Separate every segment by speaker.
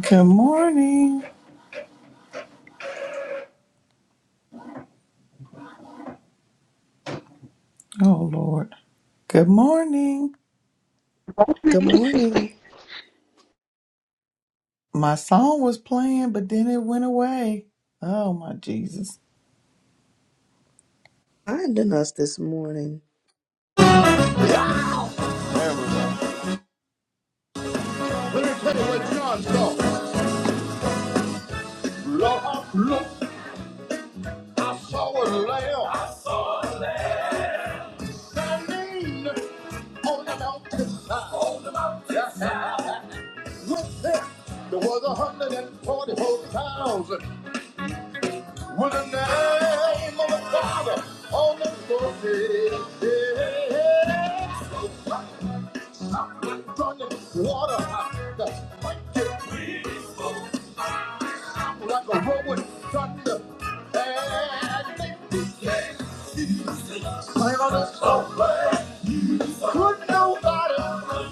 Speaker 1: Good morning. Oh, Lord. Good morning.
Speaker 2: Good
Speaker 3: morning.
Speaker 2: morning.
Speaker 1: My song was playing, but then it went away. Oh, my Jesus.
Speaker 2: Finding us this morning.
Speaker 1: There we go. Let me tell you what John saw. Look, look, I saw a lamb standing on the mountainside. On the mountainside. With him, there was a hundred and forty-four thousand with the name of the Father on the forehead. Thunder, water, the blanket, I'm like a rolling thunder. And they sang on the sofa. Could nobody.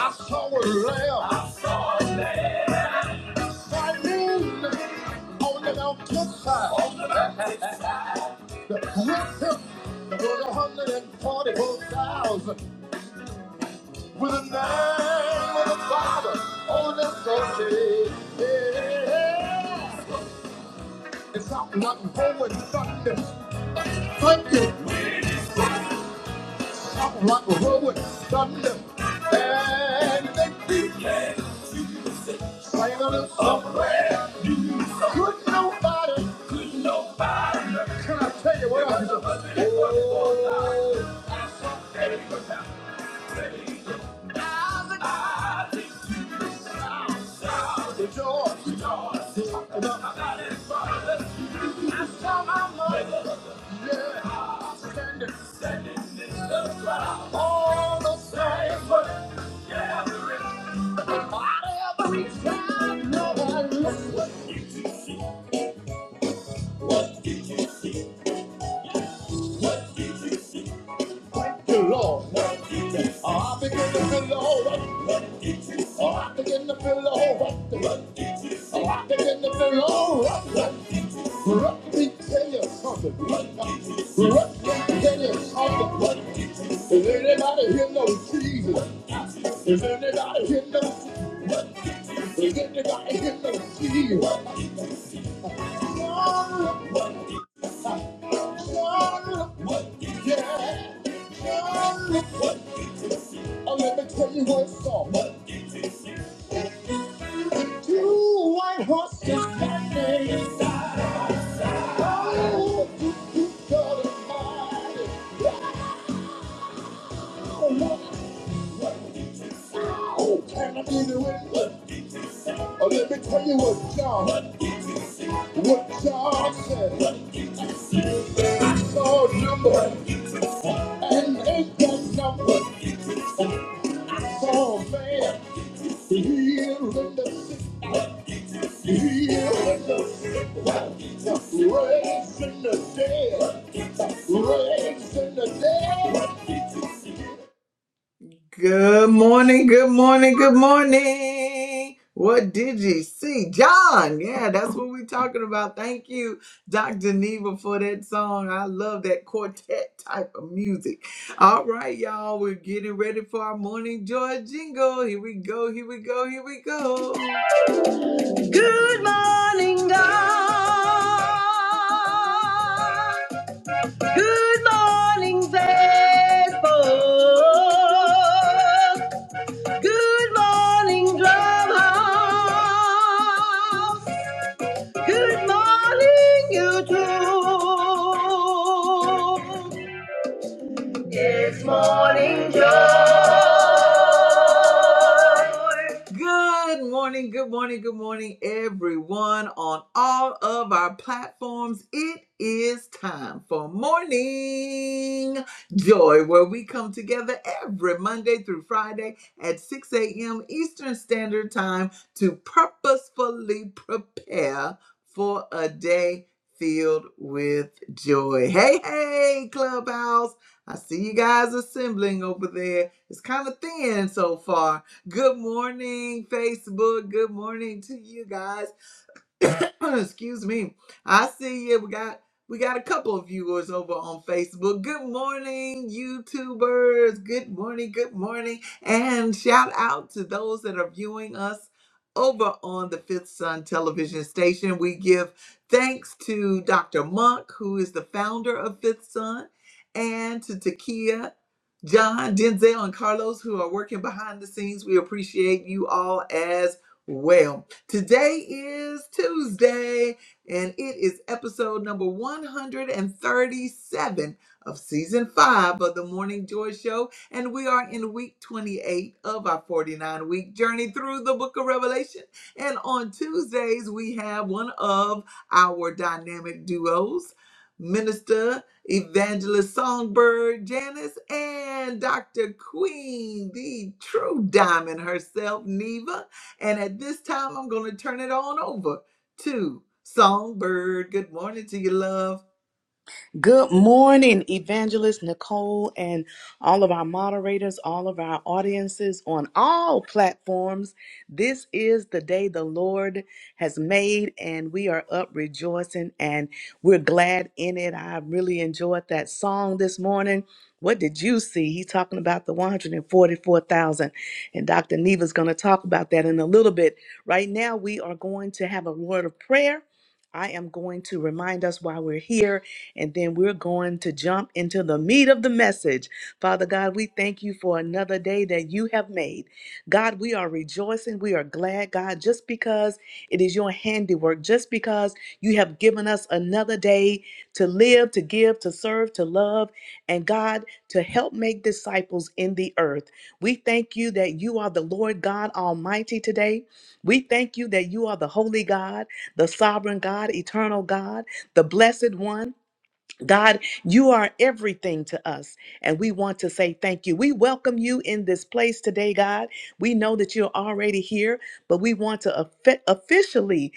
Speaker 1: I saw a lamb standing on the mountainside. With him was a hundred and forty-four thousand with a name of the Father on the sofa. Yeah. It's not like a rolling thunder. thunder. rock and roll with thunder and make me sing a little you. Could nobody, can I tell you what I do? Oh, rejoice, rejoice. Talking about God is father. I saw my mother, yeah, standing all the same, but not every time, Lord, the Lord. Oh, I begin to feel the whole right. Oh, I begin to feel the whole right. Oh, I begin to feel the whole right. Let me tell you something. Let me tell you something. Is anybody here know Jesus? Is anybody here know Jesus? Is anybody here know Jesus? Yeah. Oh, let me tell you one song. Two white horses standing inside. Oh, you, you got it mighty. Oh, look. Oh, can I be the witness? Oh, let me tell you what John, what John said. I saw a number, and ain't that number. Saw a man, healed in the sick, healed in the sick, raised in the dead, raised in the dead. Good morning, good morning, good morning. What did you see? John, yeah, that's what we're talking about. Thank you, Dr. Neva, for that song. I love that quartet type of music. All right, y'all, we're getting ready for our morning joy jingle. Here we go, here we go, here we go. Good morning, God. Good morning, faithful. Good morning, Drumhouse. Good morning, YouTube. It's morning joy. Good morning, good morning, good morning, everyone on all of our platforms. It is time for morning joy, where we come together every Monday through Friday at 6 a.m. Eastern Standard Time to purposefully prepare for a day filled with joy. Hey, hey, Clubhouse. I see you guys assembling over there. It's kind of thin so far. Good morning, Facebook. Good morning to you guys. Excuse me. I see you. We got we got a couple of viewers over on Facebook. Good morning, YouTubers. Good morning. Good morning. And shout out to those that are viewing us over on the Fifth Sun television station. We give thanks to Dr. Monk, who is the founder of Fifth Sun, and to Takia John, Denzel, and Carlos, who are working behind the scenes. We appreciate you all as well. Today is Tuesday, and it is episode number 137 of season five of the Morning Joy Show. And we are in week 28 of our 49 week journey through the book of Revelation. And on Tuesdays, we have one of our dynamic duos. Minister Evangelist Songbird Janice, and Dr. Queen, the true diamond herself, Neva. And at this time, I'm going to turn it on over to Songbird. Good morning to you, love.
Speaker 2: Good morning, Evangelist Nicole, and all of our moderators, all of our audiences on all platforms. This is the day the Lord has made, and we are up rejoicing and we're glad in it. I really enjoyed that song this morning. What did you see? He's talking about the 144,000, and Dr. Neva's going to talk about that in a little bit. Right now, we are going to have a word of prayer. I am going to remind us why we're here and then we're going to jump into the meat of the message. Father God, we thank you for another day that you have made. God, we are rejoicing. We are glad, God, just because it is your handiwork, just because you have given us another day to live, to give, to serve, to love, and God, to help make disciples in the earth. We thank you that you are the Lord God Almighty today. We thank you that you are the Holy God, the Sovereign God, Eternal God, the Blessed One. God, you are everything to us, and we want to say thank you. We welcome you in this place today, God. We know that you're already here, but we want to offi- officially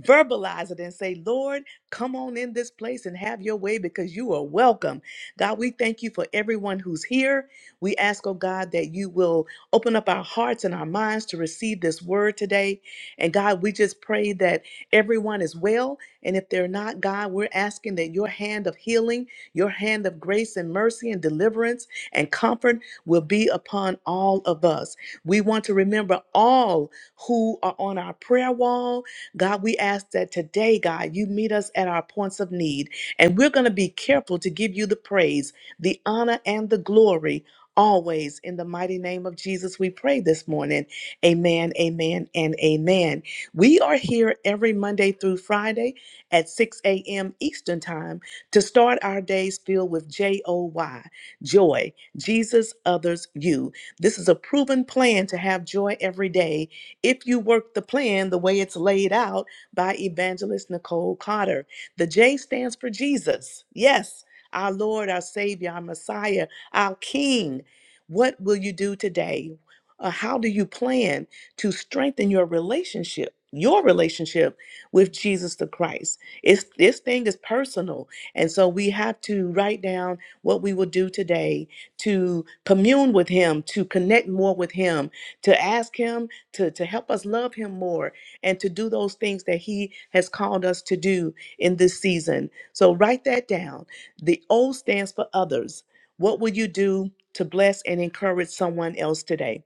Speaker 2: verbalize it and say, Lord, come on in this place and have your way because you are welcome. God, we thank you for everyone who's here. We ask, oh God, that you will open up our hearts and our minds to receive this word today. And God, we just pray that everyone is well and if they're not, God, we're asking that your hand of healing, your hand of grace and mercy and deliverance and comfort will be upon all of us. We want to remember all who are on our prayer wall. God, we ask that today, God, you meet us at our points of need. And we're going to be careful to give you the praise, the honor, and the glory. Always in the mighty name of Jesus, we pray this morning. Amen, amen, and amen. We are here every Monday through Friday at 6 a.m. Eastern Time to start our days filled with J O Y, joy, Jesus, others, you. This is a proven plan to have joy every day if you work the plan the way it's laid out by evangelist Nicole Carter. The J stands for Jesus. Yes, our Lord, our Savior, our Messiah, our King. What will you do today? Uh, how do you plan to strengthen your relationship, your relationship with Jesus the Christ? It's this thing is personal. And so we have to write down what we will do today to commune with him, to connect more with him, to ask him to, to help us love him more and to do those things that he has called us to do in this season. So write that down. The O stands for others. What will you do to bless and encourage someone else today?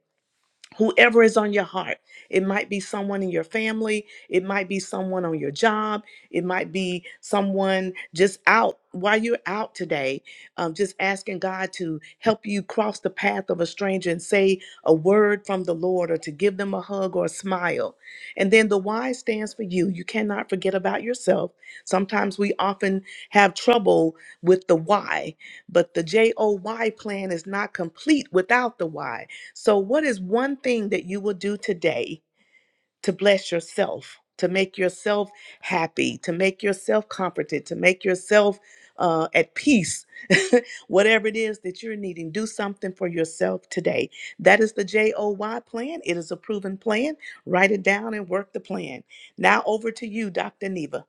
Speaker 2: whoever is on your heart. It might be someone in your family, it might be someone on your job, it might be someone just out while you're out today, um, just asking God to help you cross the path of a stranger and say a word from the Lord or to give them a hug or a smile. And then the Y stands for you. You cannot forget about yourself. Sometimes we often have trouble with the why, but the J O Y plan is not complete without the why. So, what is one thing that you will do today to bless yourself, to make yourself happy, to make yourself comforted, to make yourself uh, at peace? Whatever it is that you're needing, do something for yourself today. That is the J O Y plan. It is a proven plan. Write it down and work the plan. Now, over to you, Dr. Neva.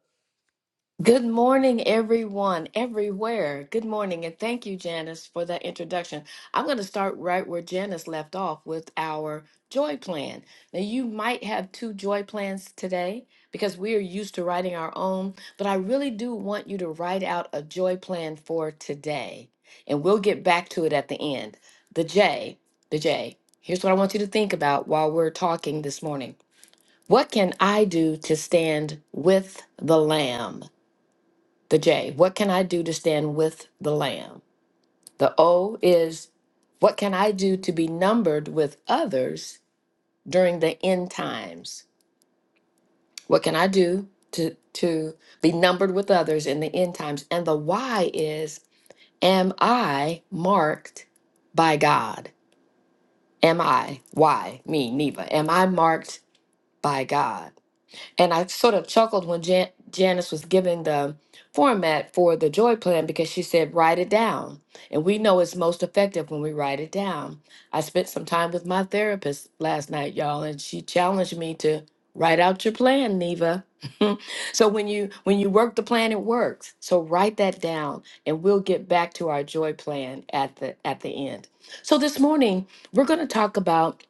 Speaker 4: Good morning, everyone, everywhere. Good morning, and thank you, Janice, for that introduction. I'm going to start right where Janice left off with our joy plan. Now, you might have two joy plans today because we are used to writing our own, but I really do want you to write out a joy plan for today, and we'll get back to it at the end. The J, the J. Here's what I want you to think about while we're talking this morning. What can I do to stand with the Lamb? The J, what can I do to stand with the Lamb? The O is, what can I do to be numbered with others during the end times? What can I do to, to be numbered with others in the end times? And the Y is, am I marked by God? Am I, why, me, Neva, am I marked by God? And I sort of chuckled when Jan- Janice was giving the format for the joy plan because she said, write it down. And we know it's most effective when we write it down. I spent some time with my therapist last night, y'all, and she challenged me to write out your plan, Neva. so when you when you work the plan, it works. So write that down and we'll get back to our joy plan at the at the end. So this morning, we're going to talk about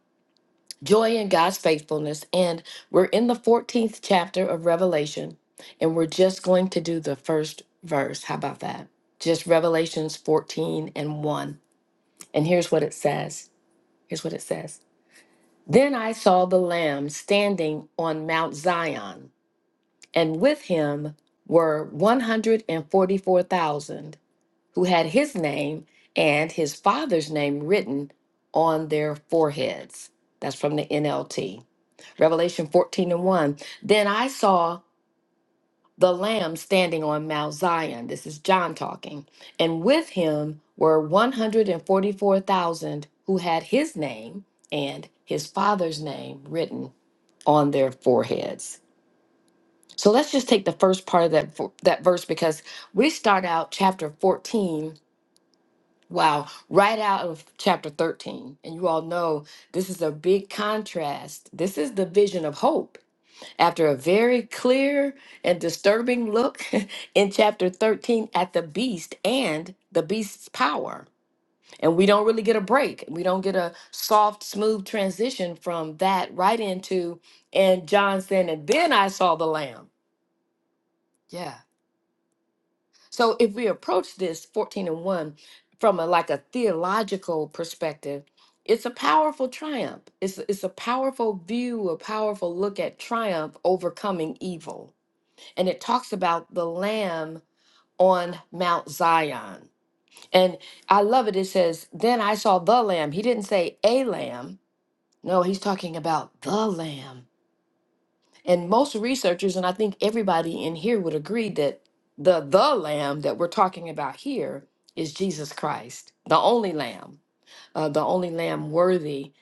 Speaker 4: Joy in God's faithfulness. And we're in the 14th chapter of Revelation, and we're just going to do the first verse. How about that? Just Revelations 14 and 1. And here's what it says. Here's what it says. Then I saw the Lamb standing on Mount Zion, and with him were 144,000 who had his name and his father's name written on their foreheads. That's from the NLT. Revelation 14 and 1. Then I saw the Lamb standing on Mount Zion. This is John talking. And with him were 144,000 who had his name and his father's name written on their foreheads. So let's just take the first part of that, vo- that verse because we start out chapter 14. Wow, right out of chapter 13. And you all know this is a big contrast. This is the vision of hope After a very clear and disturbing look in chapter 13 at the beast and the beast's power. And we don't really get a break. We don't get a soft, smooth transition from that right into, and John saying, and then I saw the lamb. Yeah. So if we approach this 14 and 1 from a like a theological perspective, it's a powerful triumph. It's, it's a powerful view, a powerful look at triumph overcoming evil and it talks about the Lamb on Mount Zion. And I love it. It says, Then I saw the Lamb. He didn't say a Lamb. No, he's talking about the Lamb. And most researchers, and I think everybody in here would agree that the the Lamb that we're talking about here is Jesus Christ, the only Lamb, uh, the only Lamb worthy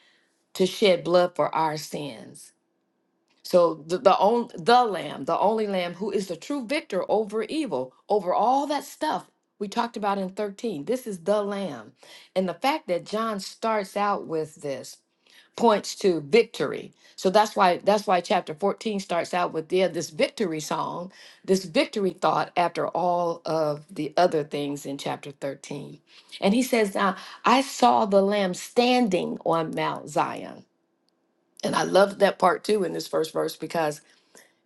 Speaker 4: to shed blood for our sins. So the the, on, the lamb, the only lamb who is the true victor over evil, over all that stuff we talked about in 13. This is the lamb. And the fact that John starts out with this points to victory. So that's why that's why chapter 14 starts out with yeah, this victory song, this victory thought after all of the other things in chapter 13. And he says, Now I saw the lamb standing on Mount Zion. And I love that part too in this first verse because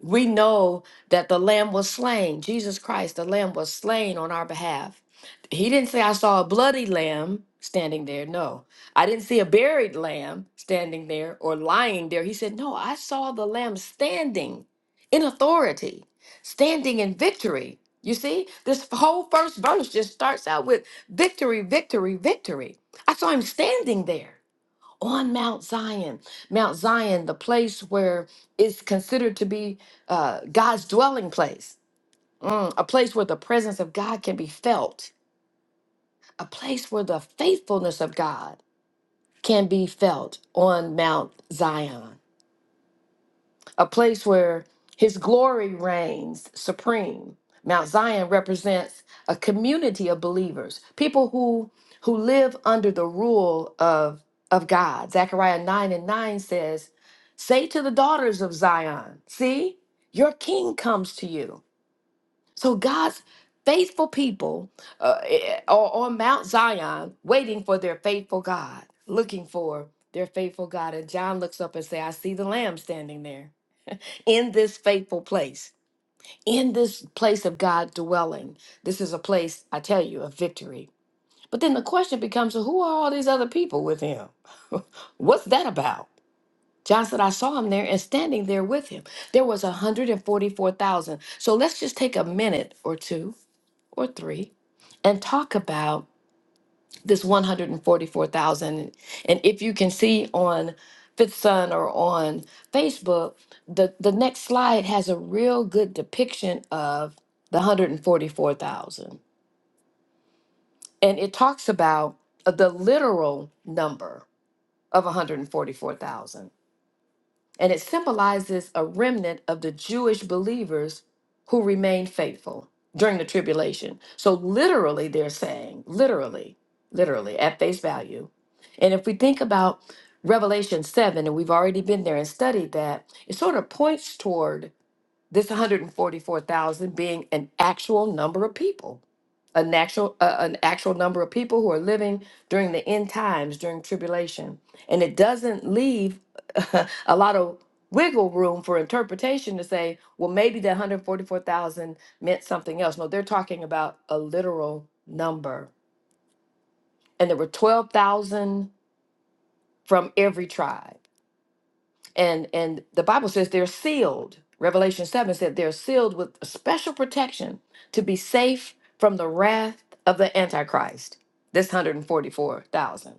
Speaker 4: we know that the lamb was slain jesus christ the lamb was slain on our behalf he didn't say i saw a bloody lamb standing there no i didn't see a buried lamb standing there or lying there he said no i saw the lamb standing in authority standing in victory you see this whole first verse just starts out with victory victory victory i saw him standing there on Mount Zion. Mount Zion, the place where it's considered to be uh, God's dwelling place, Mm, a place where the presence of God can be felt, a place where the faithfulness of God can be felt on Mount Zion. a place where his glory reigns supreme. Mount Zion represents a community of believers, people who who live under the rule of of God. Zechariah 9 and 9 says, "Say to the daughters of Zion, see, your king comes to you." So God's faithful people uh, eh, are on Mount Zion waiting for their faithful God, looking for their faithful God. And John looks up and say, "I see the lamb standing there." in this faithful place, in this place of God dwelling. This is a place, I tell you, of victory. But then the question becomes who are all these other people with him? What's that about? John said, I saw him there and standing there with him. There was 144,000. So let's just take a minute or two or three and talk about this 144,000. And if you can see on Fifth Sun or on Facebook, the, the next slide has a real good depiction of the 144,000. And it talks about uh, the literal number of 144,000 and it symbolizes a remnant of the Jewish believers who remained faithful during the tribulation. So, literally, they're saying, literally, literally, at face value. And if we think about Revelation 7, and we've already been there and studied that, it sort of points toward this 144,000 being an actual number of people, a natural, uh, an actual number of people who are living during the end times, during tribulation. And it doesn't leave a lot of wiggle room for interpretation to say, well, maybe that 144,000 meant something else. No, they're talking about a literal number. And there were 12,000 from every tribe. and and the bible says they're sealed revelation 7 said they're sealed with special protection to be safe from the wrath of the antichrist this 144000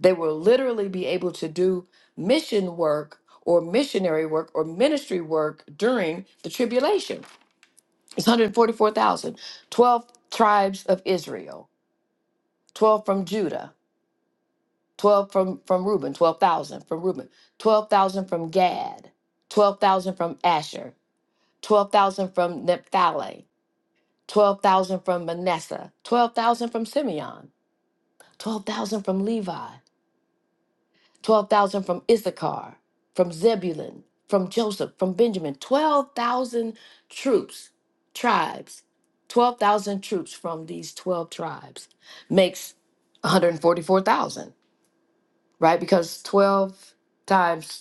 Speaker 4: they will literally be able to do mission work or missionary work or ministry work during the tribulation it's 144000 12 tribes of israel 12 from judah 12 from from Reuben, 12,000 from Reuben, 12,000 from Gad, 12,000 from Asher, 12,000 from Naphtali, 12,000 from Manasseh, 12,000 from Simeon, 12,000 from Levi, 12,000 from Issachar, from Zebulun, from Joseph, from Benjamin, 12,000 troops, tribes, 12,000 troops from these 12 tribes makes 144,000, right? Because 12 times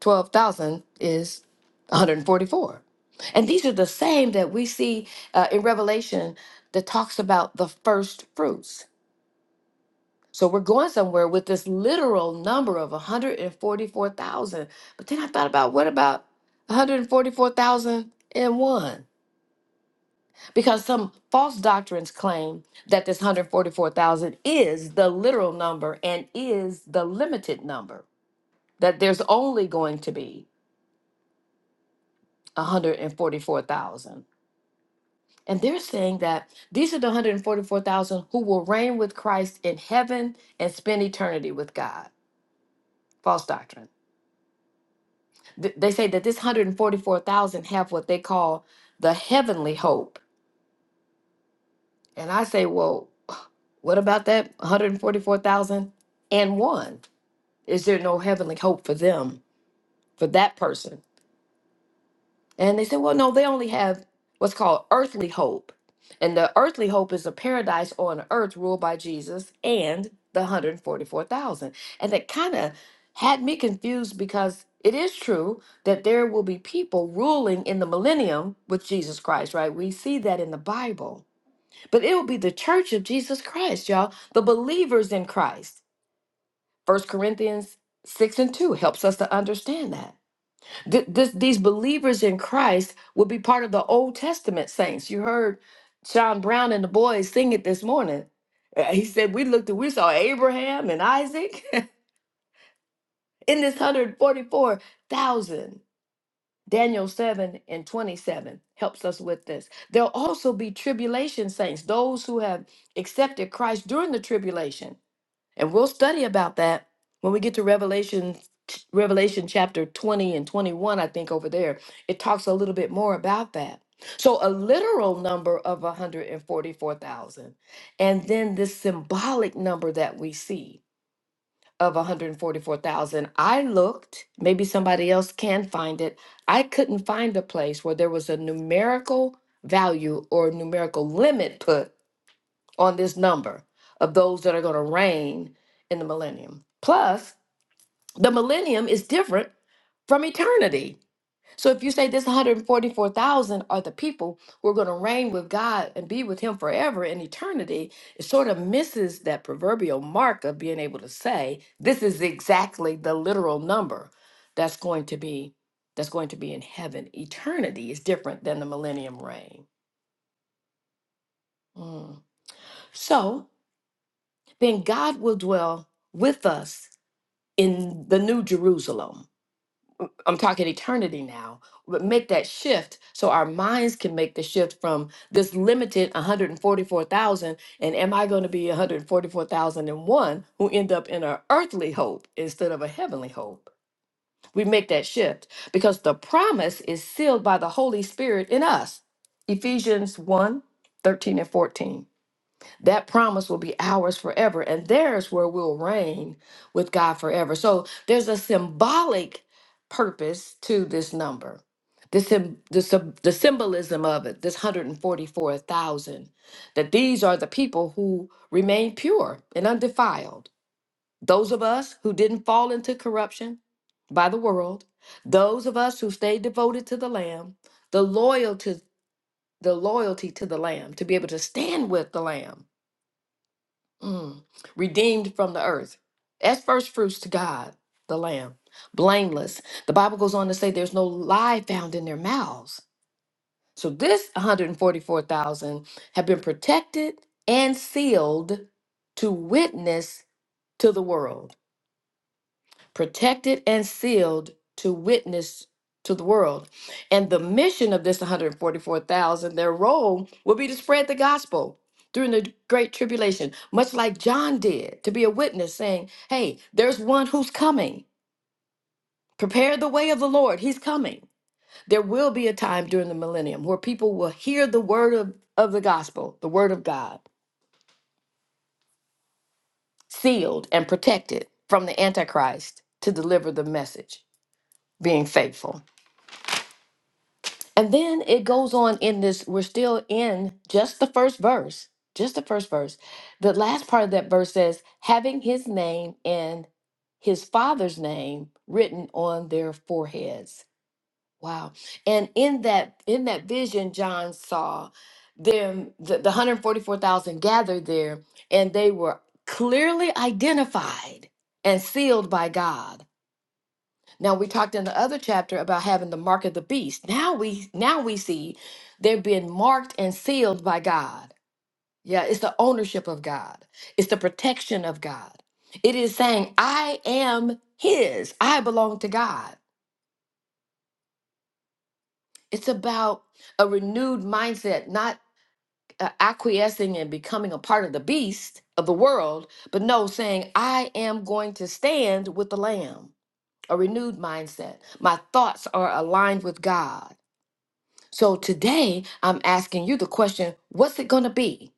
Speaker 4: 12,000 is 144. And these are the same that we see uh, in Revelation that talks about the first fruits. So we're going somewhere with this literal number of 144,000. But then I thought about what about 144,001? Because some false doctrines claim that this 144,000 is the literal number and is the limited number, that there's only going to be 144,000. And they're saying that these are the 144,000 who will reign with Christ in heaven and spend eternity with God. False doctrine. Th- They say that this 144,000 have what they call the heavenly hope. And I say, well, what about that 144,000 and one? Is there no heavenly hope for them, for that person? And they said, well, no, they only have what's called earthly hope. And the earthly hope is a paradise on earth ruled by Jesus and the 144,000. And that kind of had me confused because it is true that there will be people ruling in the millennium with Jesus Christ, right? We see that in the Bible. But it will be the church of Jesus Christ, y'all, the believers in Christ. First Corinthians 6 and 2 helps us to understand that. Th- this, these believers in Christ will be part of the Old Testament saints. You heard Sean Brown and the boys sing it this morning. Uh, He said, We looked and we saw Abraham and Isaac in this 144,000. Daniel 7 and 27 helps us with this. There'll also be tribulation saints, those who have accepted Christ during the tribulation and we'll study about that when we get to Revelation Revelation chapter 20 and 21 I think over there. It talks a little bit more about that. So a literal number of 144,000 and then this symbolic number that we see of 144,000. I looked, maybe somebody else can find it. I couldn't find a place where there was a numerical value or numerical limit put on this number of those that are going to reign in the millennium. Plus, the millennium is different from eternity. So if you say this 144,000 are the people who are going to reign with God and be with Him forever in eternity, it sort of misses that proverbial mark of being able to say this is exactly the literal number that's going to be that's going to be in heaven. Eternity is different than the millennium reign. Mm. So then God will dwell with us in the new Jerusalem. I'm talking eternity now, but make that shift so our minds can make the shift from this limited 144,000 and am I going to be 144,001 who end up in an earthly hope instead of a heavenly hope? We make that shift because the promise is sealed by the Holy Spirit in us. Ephesians 1 thirteen and 14 that promise will be ours forever and theirs where we'll reign with God forever. So there's a symbolic purpose to this number. The, sym- the, sym- the symbolism of it, this 144,000, that these are the people who remain pure and undefiled. Those of us who didn't fall into corruption by the world, those of us who stayed devoted to the Lamb, the loyalty, the loyalty to the Lamb, to be able to stand with the Lamb Mm. Redeemed from the earth. As first fruits to God, the Lamb. Blameless. The Bible goes on to say there's no lie found in their mouths. So this 144,000 have been protected and sealed to witness to the world protected and sealed to witness to the world. And the mission of this 144,000, their role will be to spread the gospel during the great tribulation, much like John did, to be a witness saying, "Hey, there's one who's coming. Prepare the way of the Lord. He's coming." There will be a time during the millennium where people will hear the word of, of the gospel, the word of God, sealed and protected from the antichrist to deliver the message, being faithful. And then it goes on in this, we're still in just the first verse, just the first verse. The last part of that verse says, having his name and his father's name written on their foreheads. Wow. And in that in that vision John saw them the, the 144,000 gathered there and they were clearly identified and sealed by God. Now we talked in the other chapter about having the mark of the beast. Now we now we see they're being marked and sealed by God. Yeah, it's the ownership of God. It's the protection of God. It is saying, I am his. I belong to God. It's about a renewed mindset, not uh, acquiescing and becoming a part of the beast of the world, but no, saying, I am going to stand with the lamb. A renewed mindset. My thoughts are aligned with God. So today I'm asking you the question what's it going to be?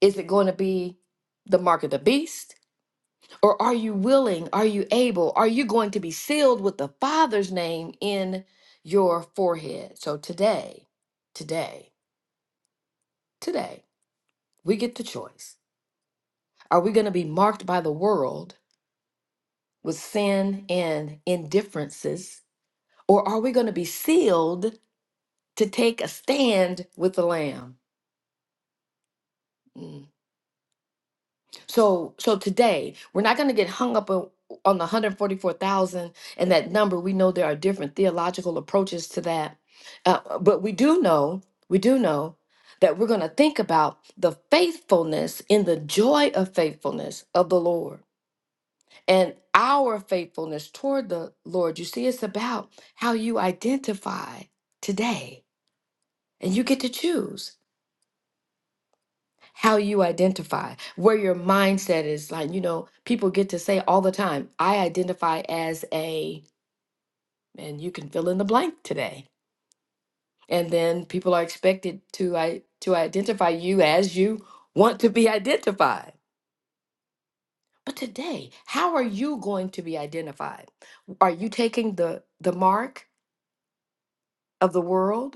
Speaker 4: Is it going to be the mark of the beast? Or are you willing? Are you able? Are you going to be sealed with the Father's name in your forehead? So today, today, today, we get the choice. Are we going to be marked by the world with sin and indifferences? Or are we going to be sealed to take a stand with the Lamb? Mm. So so today we're not going to get hung up on, on the 144,000 and that number. We know there are different theological approaches to that. Uh, uh, but we do know, we do know that we're going to think about the faithfulness in the joy of faithfulness of the Lord and our faithfulness toward the Lord. You see, it's about how you identify today and you get to choose. how you identify, where your mindset is. Like, you know, people get to say all the time, I identify as a, and you can fill in the blank today. And then people are expected to I to identify you as you want to be identified. But today, how are you going to be identified? Are you taking the the mark of the world?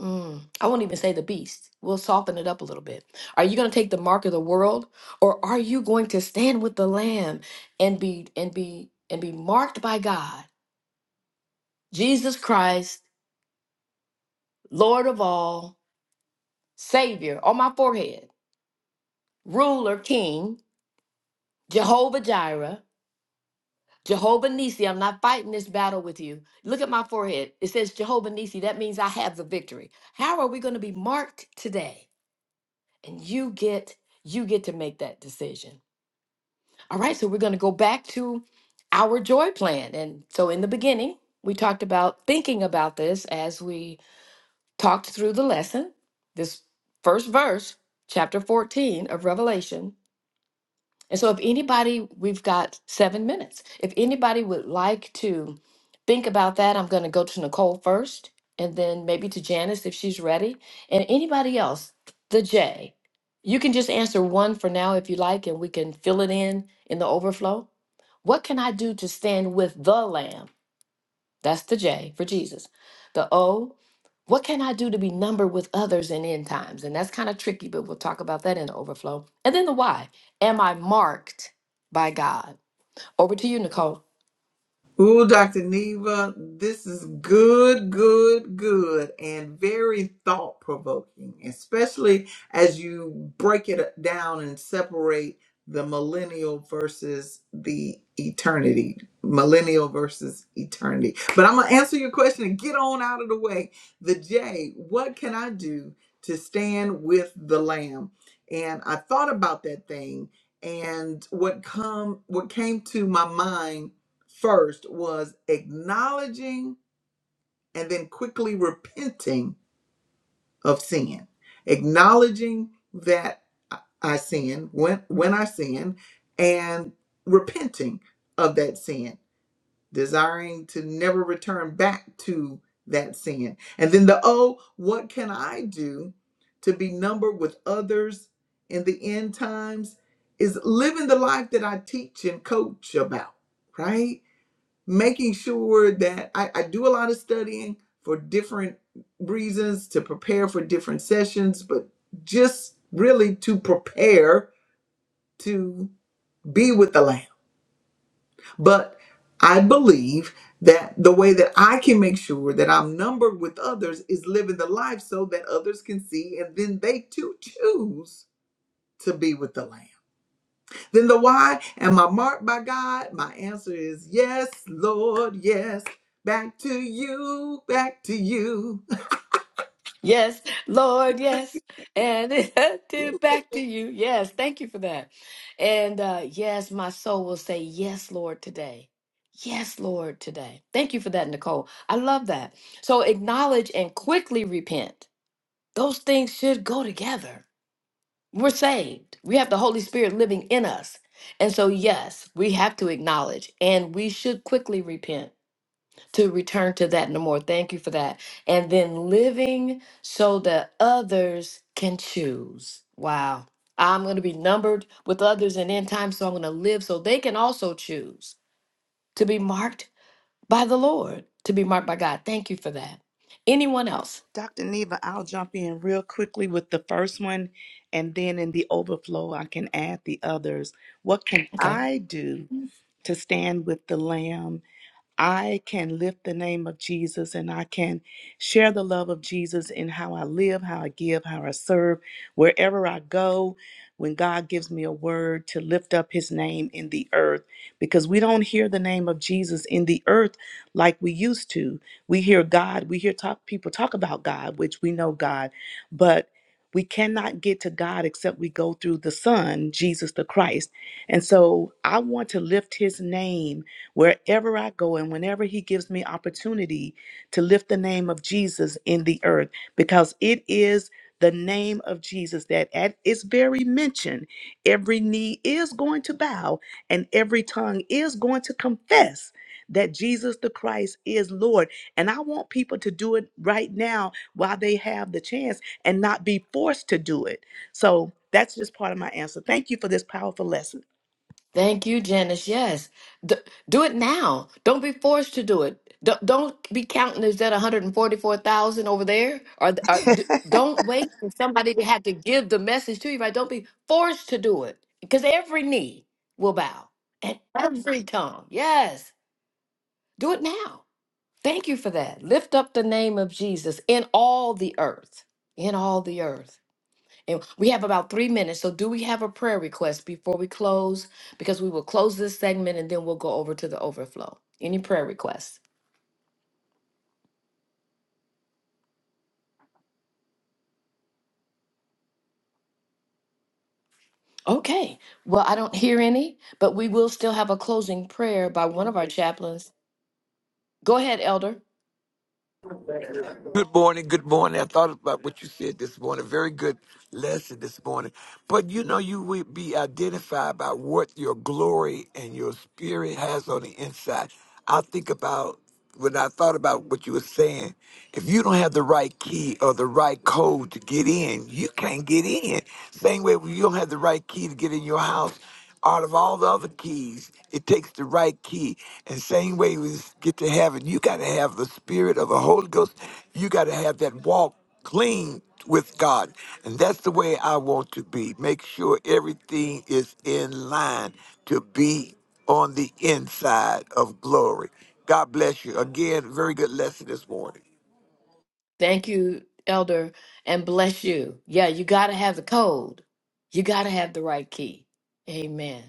Speaker 4: Mm, I won't even say the beast. We'll soften it up a little bit. Are you going to take the mark of the world, or are you going to stand with the Lamb and be and be and be marked by God, Jesus Christ, Lord of all, Savior on my forehead, Ruler, King, Jehovah Jireh, Jehovah Nisi? I'm not fighting this battle with you. Look at my forehead. It says Jehovah Nisi. That means I have the victory. How are we going to be marked today? And you get you get to make that decision. All right, so we're going to go back to our joy plan. And so in the beginning, we talked about thinking about this as we talked through the lesson, this first verse, chapter 14 of Revelation. And so if anybody, we've got seven minutes. If anybody would like to think about that, I'm going to go to Nicole first and then maybe to Janice if she's ready. And anybody else, the J, you can just answer one for now if you like, and we can fill it in in the overflow. What can I do to stand with the Lamb? That's the J for Jesus. The O, what can I do to be numbered with others in end times? And that's kind of tricky, but we'll talk about that in the overflow. And then the why, am I marked by God? Over to you, Nicole.
Speaker 1: Ooh, Dr. Neva, this is good, good, good, and very thought provoking, especially as you break it down and separate the millennial versus the eternity. Millennial versus eternity. But I'm going to answer your question and get on out of the way. The J, what can I do to stand with the Lamb? And I thought about that thing, and what come what came to my mind first was acknowledging and then quickly repenting of sin. Acknowledging that I I sinned when when I sinned and repenting of that sin, desiring to never return back to that sin. And then the oh, what can I do to be numbered with others in the end times is living the life that I teach and coach about, right? making sure that I, I do a lot of studying for different reasons to prepare for different sessions, but just really to prepare to be with the Lamb. But I believe that the way that I can make sure that I'm numbered with others is living the life so that others can see and then they too choose to be with the Lamb. Then the why, am I marked by God? My answer is yes, Lord, yes. Back to you, back to you.
Speaker 4: Yes, Lord, yes. And it to back to you. Yes, thank you for that. And uh, yes, my soul will say, Yes, Lord, today. Yes, Lord, today. Thank you for that, Nicole. I love that. So acknowledge and quickly repent. Those things should go together. We're saved, we have the Holy Spirit living in us. And so, yes, we have to acknowledge and we should quickly repent to return to that no more. Thank you for that. And then living so that others can choose. Wow. I'm going to be numbered with others in end time, so I'm going to live so they can also choose to be marked by the Lord, to be marked by God. Thank you for that. Anyone else?
Speaker 2: Dr. Neva, I'll jump in real quickly with the first one, and then in the overflow, I can add the others. What can
Speaker 4: Okay.
Speaker 2: I do? to stand with the Lamb I can lift the name of Jesus and I can share the love of Jesus in how I live, how I give, how I serve, wherever I go. When God gives me a word to lift up his name in the earth, because we don't hear the name of Jesus in the earth like we used to. We hear God, we hear talk, people talk about God, which we know God, but we cannot get to God except we go through the Son, Jesus the Christ. And so I want to lift his name wherever I go and whenever He gives me opportunity to lift the name of Jesus in the earth, because it is the name of Jesus that at its very mention, every knee is going to bow and every tongue is going to confess that Jesus the Christ is Lord. And I want people to do it right now while they have the chance and not be forced to do it. So that's just part of my answer. Thank you for this powerful lesson.
Speaker 4: Thank you, Janice. Yes. D- do it now. Don't be forced to do it. D- don't be counting, is that 144,000 over there? Or, or d- don't wait for somebody to have to give the message to you, right? Don't be forced to do it because every knee will bow and every tongue. Yes. Do it now. Thank you for that. Lift up the name of Jesus in all the earth. In all the earth. And we have about three minutes. So, do we have a prayer request before we close? Because we will close this segment and then we'll go over to the overflow. Any prayer requests? Okay. Well, I don't hear any, but we will still have a closing prayer by one of our chaplains. Go ahead, Elder.
Speaker 5: Good morning. Good morning. I thought about what you said this morning. Very good lesson this morning. But you know, you will be identified by what your glory and your spirit has on the inside. I think about when I thought about what you were saying. If you don't have the right key or the right code to get in, you can't get in. Same way, when you don't have the right key to get in your house out of all the other keys. It takes the right key. And same way we get to heaven, you got to have the spirit of the Holy Ghost. You got to have that walk clean with God. And that's the way I want to be. Make sure everything is in line to be on the inside of glory. God bless you. Again, very good lesson this morning.
Speaker 4: Thank you, Elder, and bless you. Yeah, you got to have the code, you got to have the right key. Amen.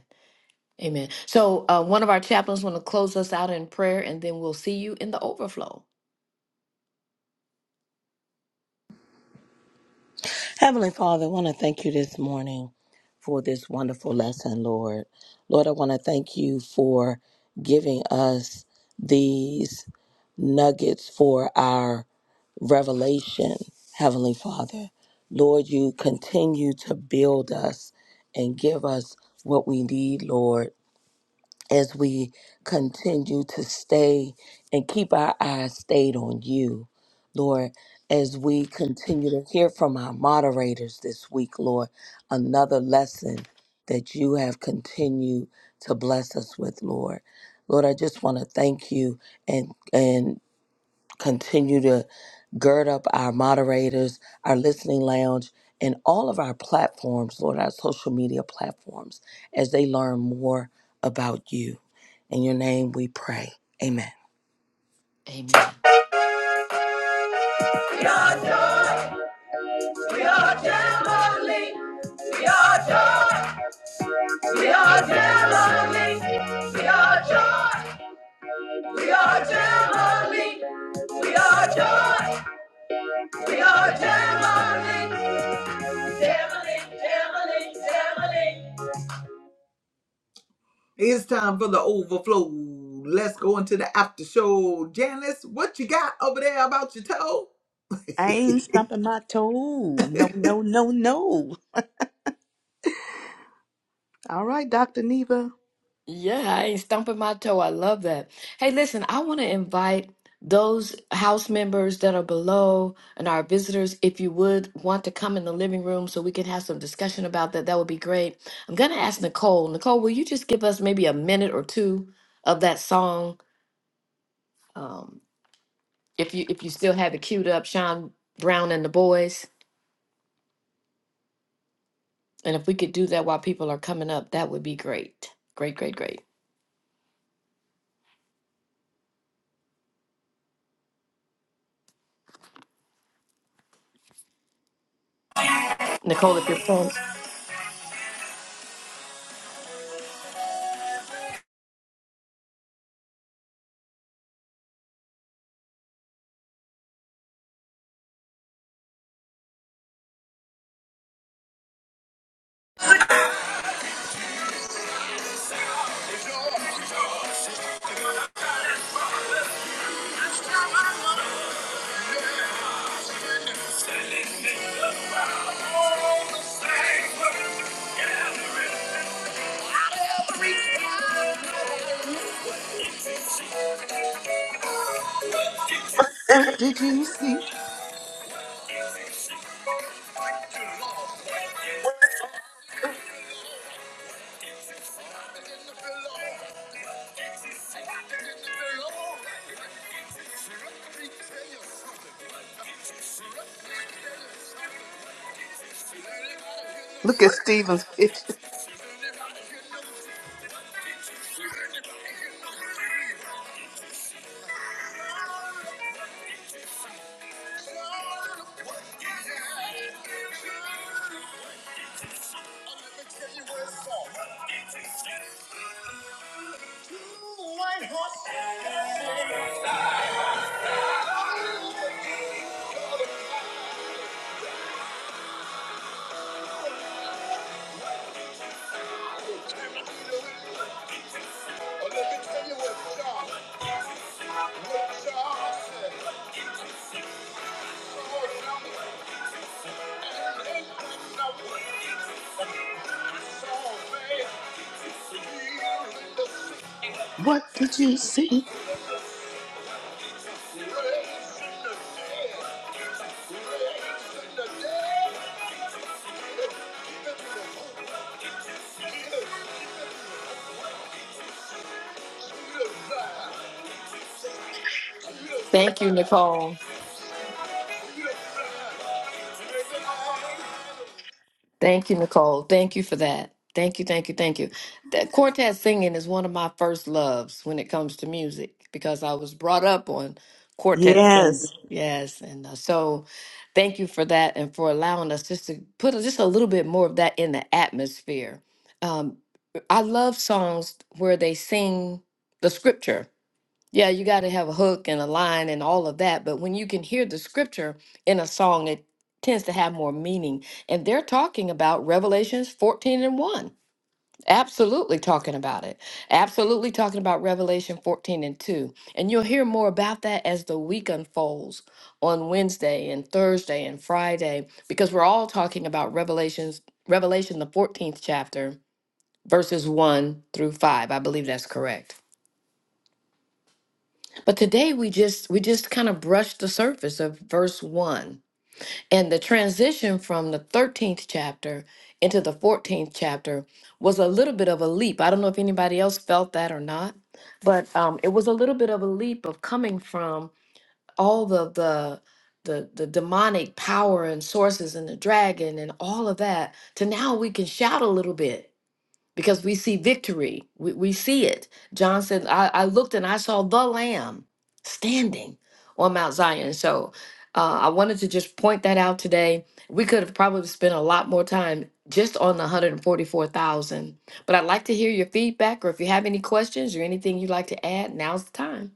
Speaker 4: Amen. So, uh, one of our chaplains want to close us out in prayer, and then we'll see you in the overflow.
Speaker 6: Heavenly Father, I want to thank you this morning for this wonderful lesson, Lord. Lord, I want to thank you for giving us these nuggets for our revelation, Heavenly Father. Lord, you continue to build us and give us what we need, Lord, as we continue to stay and keep our eyes stayed on you, Lord, as we continue to hear from our moderators this week, Lord, another lesson that you have continued to bless us with, Lord. Lord, I just want to thank you and and continue to gird up our moderators, our listening lounge, and all of our platforms, Lord, our social media platforms, as they learn more about you. In your name we pray. Amen.
Speaker 4: Amen.
Speaker 1: We are joy, we are family. We are joy, we are family. We are joy, we are family. We are joy, we are family. Family, family, family. It's time for the overflow. Let's go into the after show. Janice, what you got over there about your toe?
Speaker 2: I ain't stumping my toe. No, no, no, no. All right, Dr. Neva.
Speaker 4: Yeah, I ain't stumping my toe. I love that. Hey, listen, I want to invite those house members that are below and our visitors, if you would want to come in the living room so we can have some discussion about that, that would be great. I'm going to ask Nicole. Nicole, will you just give us maybe a minute or two of that song? Um, if you if you still have it queued up, Sean Brown and the Boys. And if we could do that while people are coming up, that would be great. Great, great, great. Nicole, if you're prompt,
Speaker 2: What did you see? Look at Stephen's picture. What did you see?
Speaker 4: Thank you, Nicole. Thank you, Nicole. Thank you for that. Thank you, thank you, thank you. That quartet singing is one of my first loves when it comes to music because I was brought up on quartet singing.
Speaker 2: Yes.
Speaker 4: Yes, and uh, so thank you for that and for allowing us just to put just a little bit more of that in the atmosphere. Um, I love songs where they sing the scripture yeah, you got to have a hook and a line and all of that. But when you can hear the scripture in a song, it tends to have more meaning. And they're talking about Revelations 14 and 1. Absolutely talking about it. Absolutely talking about Revelation 14 and 2. And you'll hear more about that as the week unfolds on Wednesday and Thursday and Friday, because we're all talking about Revelations, Revelation, the 14th chapter, verses 1 through 5. I believe that's correct. But today we just we just kind of brushed the surface of verse 1. And the transition from the 13th chapter into the 14th chapter was a little bit of a leap. I don't know if anybody else felt that or not, but um, it was a little bit of a leap of coming from all the the the, the demonic power and sources and the dragon and all of that to now we can shout a little bit because we see victory. We, we see it. John said, I, I looked and I saw the Lamb standing on Mount Zion. So uh, I wanted to just point that out today. We could have probably spent a lot more time just on the 144,000. But I'd like to hear your feedback or if you have any questions or anything you'd like to add, now's the time.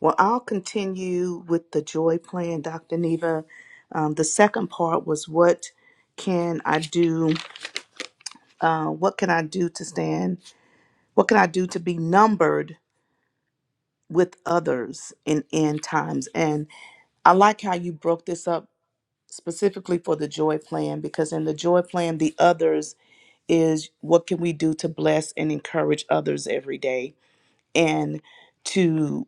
Speaker 2: Well, I'll continue with the joy plan, Dr. Neva. Um, the second part was what can I do? Uh, what can I do to stand? What can I do to be numbered with others in end times? And I like how you broke this up specifically for the joy plan because in the joy plan the others is what can we do to bless and encourage others every day and to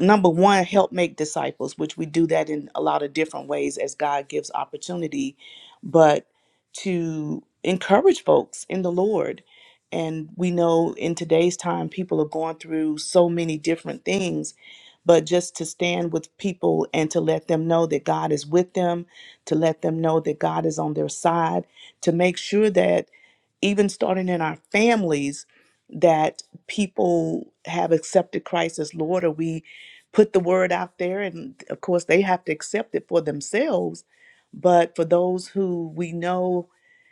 Speaker 2: number one help make disciples which we do that in a lot of different ways as god gives opportunity but to encourage folks in the lord and we know in today's time people are going through so many different things but just to stand with people and to let them know that god is with them to let them know that god is on their side to make sure that even starting in our families that people have accepted christ as lord or we put the word out there and of course they have to accept it for themselves but for those who we know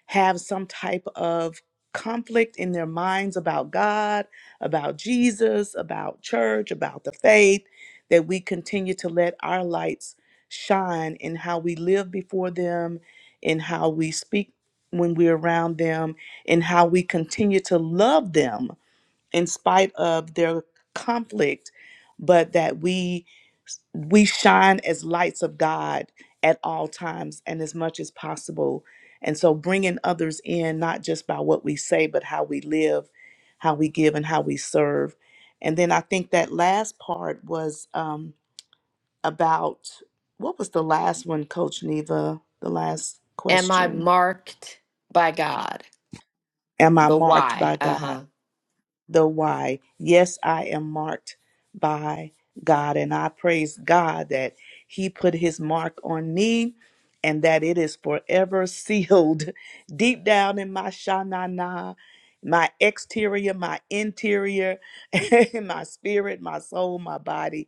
Speaker 2: have some type of conflict in their minds about God, about Jesus, about church, about the faith that we continue to let our lights shine in how we live before them, in how we speak when we're around them, in how we continue to love them in spite of their conflict, but that we we shine as lights of God at all times and as much as possible. And so bringing others in not just by what we say, but how we live, how we give, and how we serve. And then I think that last part was um, about what was the last one, Coach Neva? The last
Speaker 4: Am I
Speaker 2: question:
Speaker 4: marked by God?
Speaker 2: Am I
Speaker 4: The
Speaker 2: marked
Speaker 4: why.
Speaker 2: by
Speaker 4: Uh
Speaker 2: God?
Speaker 4: huh.
Speaker 2: the why. Yes, I am marked by God, and I praise God that He put His mark on me and that it is forever sealed deep down in my shanana, my exterior, my interior, my spirit, my soul, my body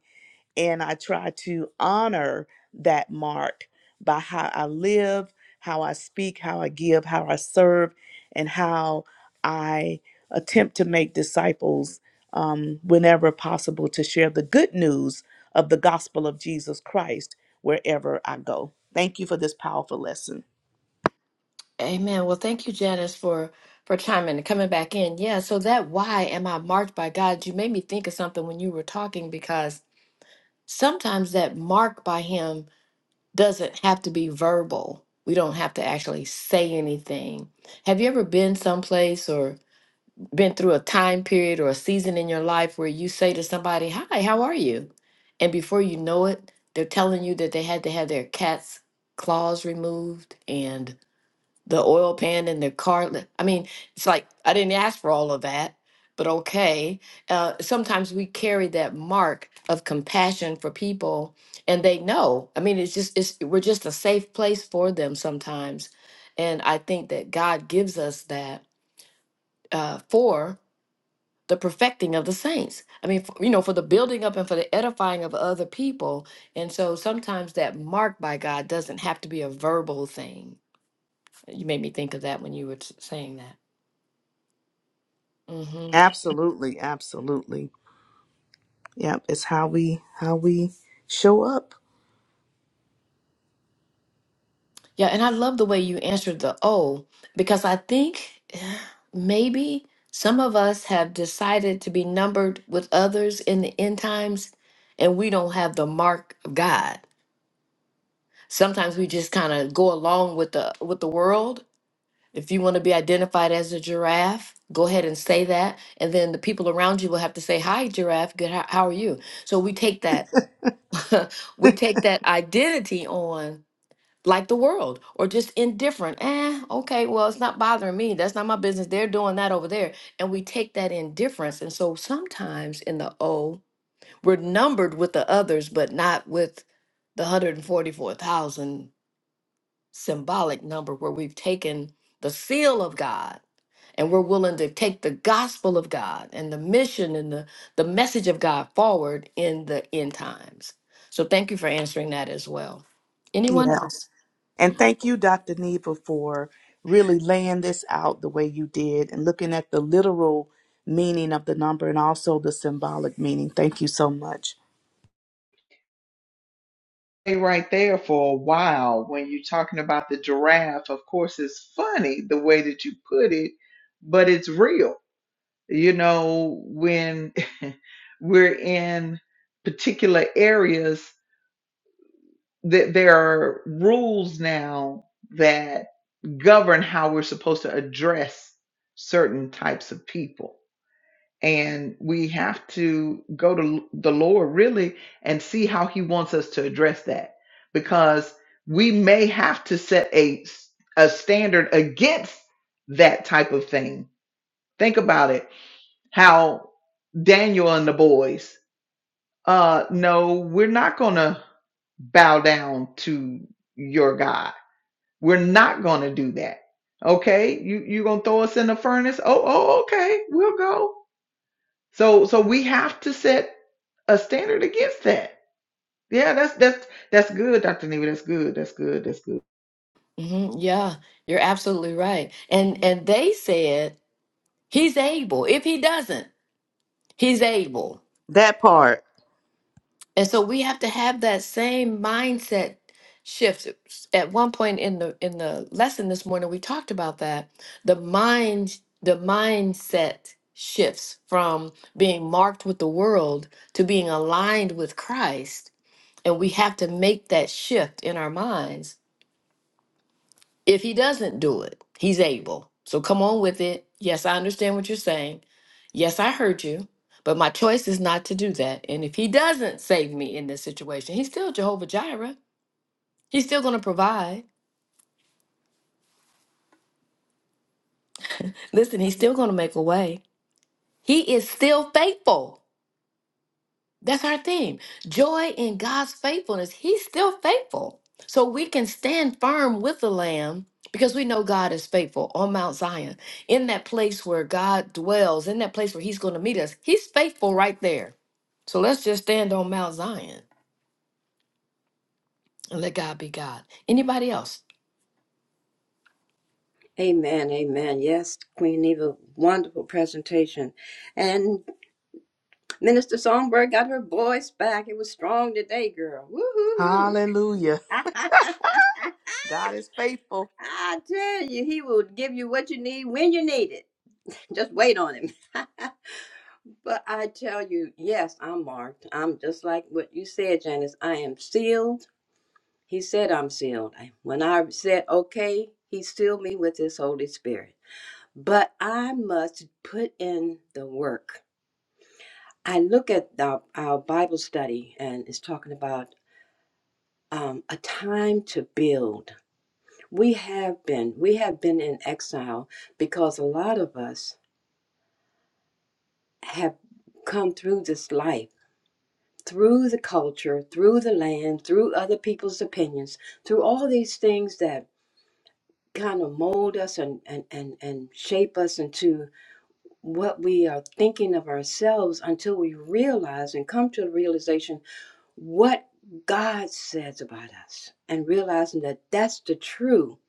Speaker 2: and I try to honor that mark by how I live, how I speak, how I give, how I serve, and how I attempt to make disciples um, whenever possible to share the good news of the gospel of Jesus Christ wherever I go. Thank you for this powerful lesson.
Speaker 4: Amen. Well, thank you, Janice, for for chiming and coming back in. Yeah. So that why am I marked by God? You made me think of something when you were talking because sometimes that mark by Him doesn't have to be verbal. We don't have to actually say anything. Have you ever been someplace or been through a time period or a season in your life where you say to somebody, "Hi, how are you?" And before you know it, they're telling you that they had to have their cat's claws removed and the oil pan and the car. li- I mean, it's like I didn't ask for all of that, but okay. Uh, sometimes we carry that mark of compassion for people, and they know. I mean, it's just it's we're just a safe place for them sometimes, and I think that God gives us that uh, for the perfecting of the saints. I mean, for, you know, for the building up and for the edifying of other people. And so sometimes that mark by God doesn't have to be a verbal thing. You made me think of that when you were s- saying that. hmm
Speaker 2: Absolutely, absolutely. Yep, it's how we how we show up.
Speaker 4: Yeah, and I love the way you answered the oh, because I think eh, maybe some of us have decided to be numbered with others in the end times, and we don't have the mark of God. Sometimes we just kind of go along with the with the world. If you want to be identified as a giraffe, go ahead and say that, and then the people around you will have to say, "Hi, giraffe. Good. How, how are you?" So we take that, we take that identity on like the world or just indifferent. Eh, okay, well, it's not bothering me. That's not my business. They're doing that over there. And we take that indifference. And so sometimes in the O, we're numbered with the others, but not with the 144,000 symbolic number where we've taken the seal of God and we're willing to take the gospel of God and the mission and the, the message of God forward in the end times. So thank you for answering that as well.
Speaker 2: Yeah.
Speaker 4: Anyone else?
Speaker 2: And thank you, Dr. Neva, for really laying this out the way you did and looking at the literal meaning of the number and also the symbolic meaning. Thank you so much.
Speaker 1: Stay right there for a while when you're talking about the giraffe. Of course, it's funny the way that you put it, but it's real. You know, when we're in particular areas, that there are rules now that govern how we're supposed to address certain types of people. And we have to go to the Lord really and see how He wants us to address that because we may have to set a, a standard against that type of thing. Think about it how Daniel and the boys, uh, no, we're not going to bow down to your God. We're not going to do that. Okay, you you gonna throw us in the furnace? Oh, oh, okay, we'll go. So so we have to set a standard against that. Yeah, that's that's that's good, Dr. Neva. That's good. That's good. That's good.
Speaker 4: hmm Yeah, you're absolutely right. And and they said he's able. If he doesn't, he's able.
Speaker 2: That part.
Speaker 4: And so we have to have that same mindset shift. At one point in the in the lesson this morning, we talked about that. The mind the mindset shifts from being marked with the world to being aligned with Christ. And we have to make that shift in our minds If he doesn't do it, he's able. So come on with it. Yes, I understand what you're saying. Yes, I heard you. But my choice is not to do that. And if he doesn't save me in this situation, he's still Jehovah Jireh. He's still going to provide. Listen, he's still going to make a way. He is still faithful. That's our theme. Joy in God's faithfulness. He's still faithful. So we can stand firm with the Lamb because we know God is faithful on Mount Zion, in that place where God dwells, in that place where He's going to meet us. He's faithful right there. So let's just stand on Mount Zion and let God be God. Anybody else?
Speaker 7: Amen, amen. Yes, Queen Eva, wonderful presentation. And Minister Songbird got her voice back. It was strong today, girl. Woo-hoo-hoo.
Speaker 2: Hallelujah. God is faithful.
Speaker 7: I tell you, he will give you what you need when you need it. Just wait on him. but I tell you, yes, I'm marked. I'm just like what you said, Janice. I am sealed. He said I'm sealed. When I said okay, he sealed me with his Holy Spirit. but I must put in the work. I look at our, our Bible study and it's talking about um, a time to build. We have been we have been in exile because a lot of us have come through this life through the culture, through the land, through other people's opinions, through all these things that kind of mold us and and and, and shape us into what we are thinking of ourselves until we realize and come to the realization what God says about us and realizing that that's the true,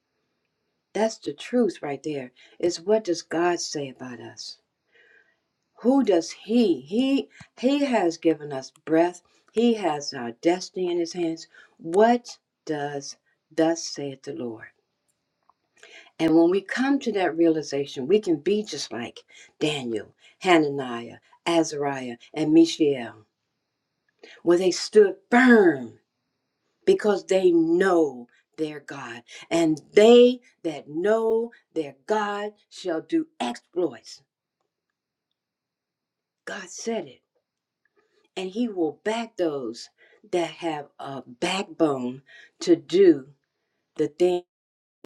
Speaker 7: that's the truth right there is what does God say about us? Who does he? He he has given us breath. He has our destiny in his hands. What does thus saith the Lord? And when we come to that realization, we can be just like Daniel, Hananiah, Azariah, and Mishael, where they stood firm because they know their God. And they that know their God shall do exploits. God said it. And he will back those that have a backbone to do the things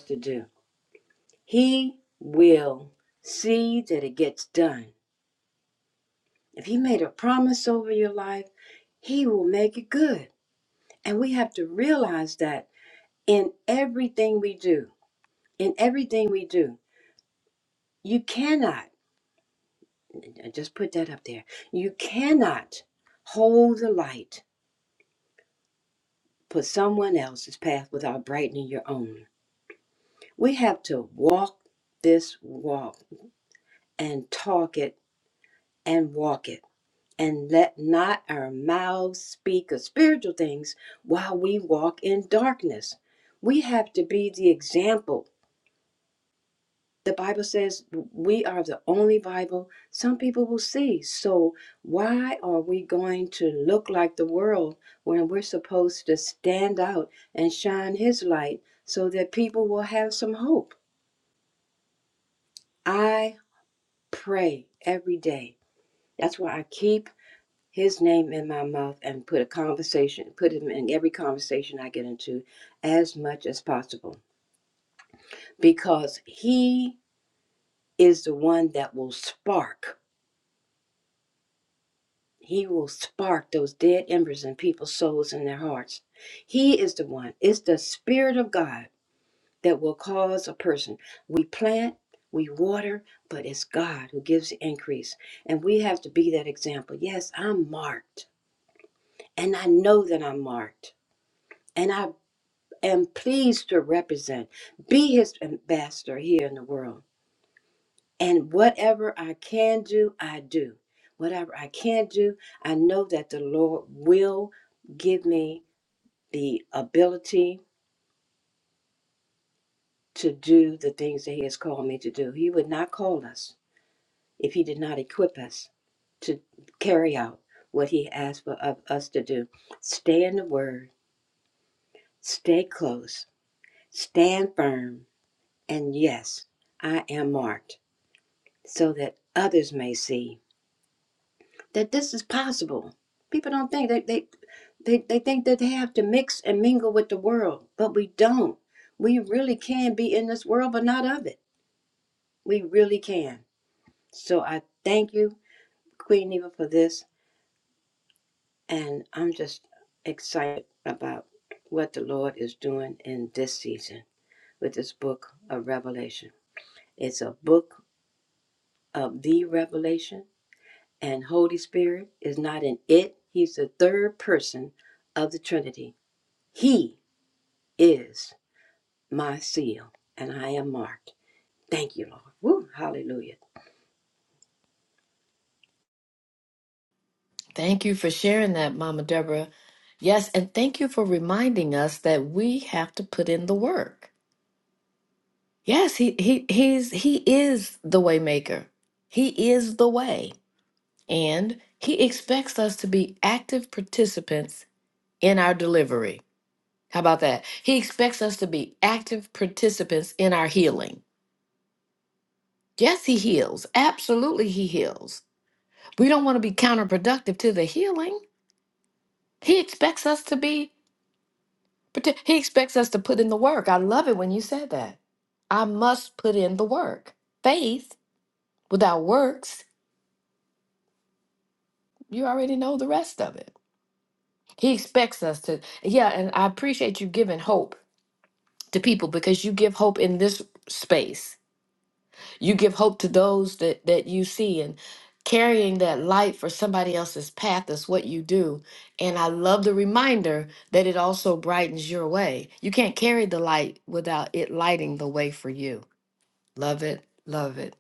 Speaker 7: to do. He will see that it gets done If he made a promise over your life, he will make it good. And we have to realize that in everything we do, in everything we do, you cannot, I just put that up there, you cannot hold the light for someone else's path without brightening your own. We have to walk this walk and talk it and walk it. and let not our mouths speak of spiritual things while we walk in darkness. We have to be the example. The Bible says we are the only Bible some people will see. So, why are we going to look like the world when we're supposed to stand out and shine His light so that people will have some hope? I pray every day. That's why I keep his name in my mouth and put a conversation, put him in every conversation I get into as much as possible because he is the one that will spark. He will spark those dead embers in people's souls and their hearts. He is the one. It's the Spirit of God that will cause a person. We plant, we water, but it's God who gives the increase. And we have to be that example. Yes, I'm marked, and I know that I'm marked. And I and pleased to represent, be his ambassador here in the world. And whatever I can do, I do. Whatever I can do, I know that the Lord will give me the ability to do the things that He has called me to do. He would not call us if He did not equip us to carry out what He asked for of us to do. Stay in the Word, stay close, stand firm, and yes, I am marked. so that others may see that this is possible. People don't think they they they, they think that they have to mix and mingle with the world, but we don't. We really can be in this world, but not of it. We really can. So I thank you, Queen Eva, for this, and I'm just excited about what the Lord is doing in this season with this book of Revelation. It's a book of the revelation And Holy Spirit is not an it, He's the third person of the Trinity. He is my seal, and I am marked. Thank you, Lord. Woo, hallelujah.
Speaker 4: Thank you for sharing that, Mama Deborah. Yes, and thank you for reminding us that we have to put in the work. Yes, he he he's he is the waymaker. He is the way, and he expects us to be active participants in our delivery. How about that? He expects us to be active participants in our healing. Yes, he heals. Absolutely, he heals. We don't want to be counterproductive to the healing. He expects us to be parti- he expects us to put in the work. I love it when you said that. I must put in the work. Faith without works You already know the rest of it. He expects us to, yeah, and I appreciate you giving hope to people because you give hope in this space. You give hope to those that, that you see, and carrying that light for somebody else's path is what you do. And I love the reminder that it also brightens your way. You can't carry the light without it lighting the way for you. Love it, love it,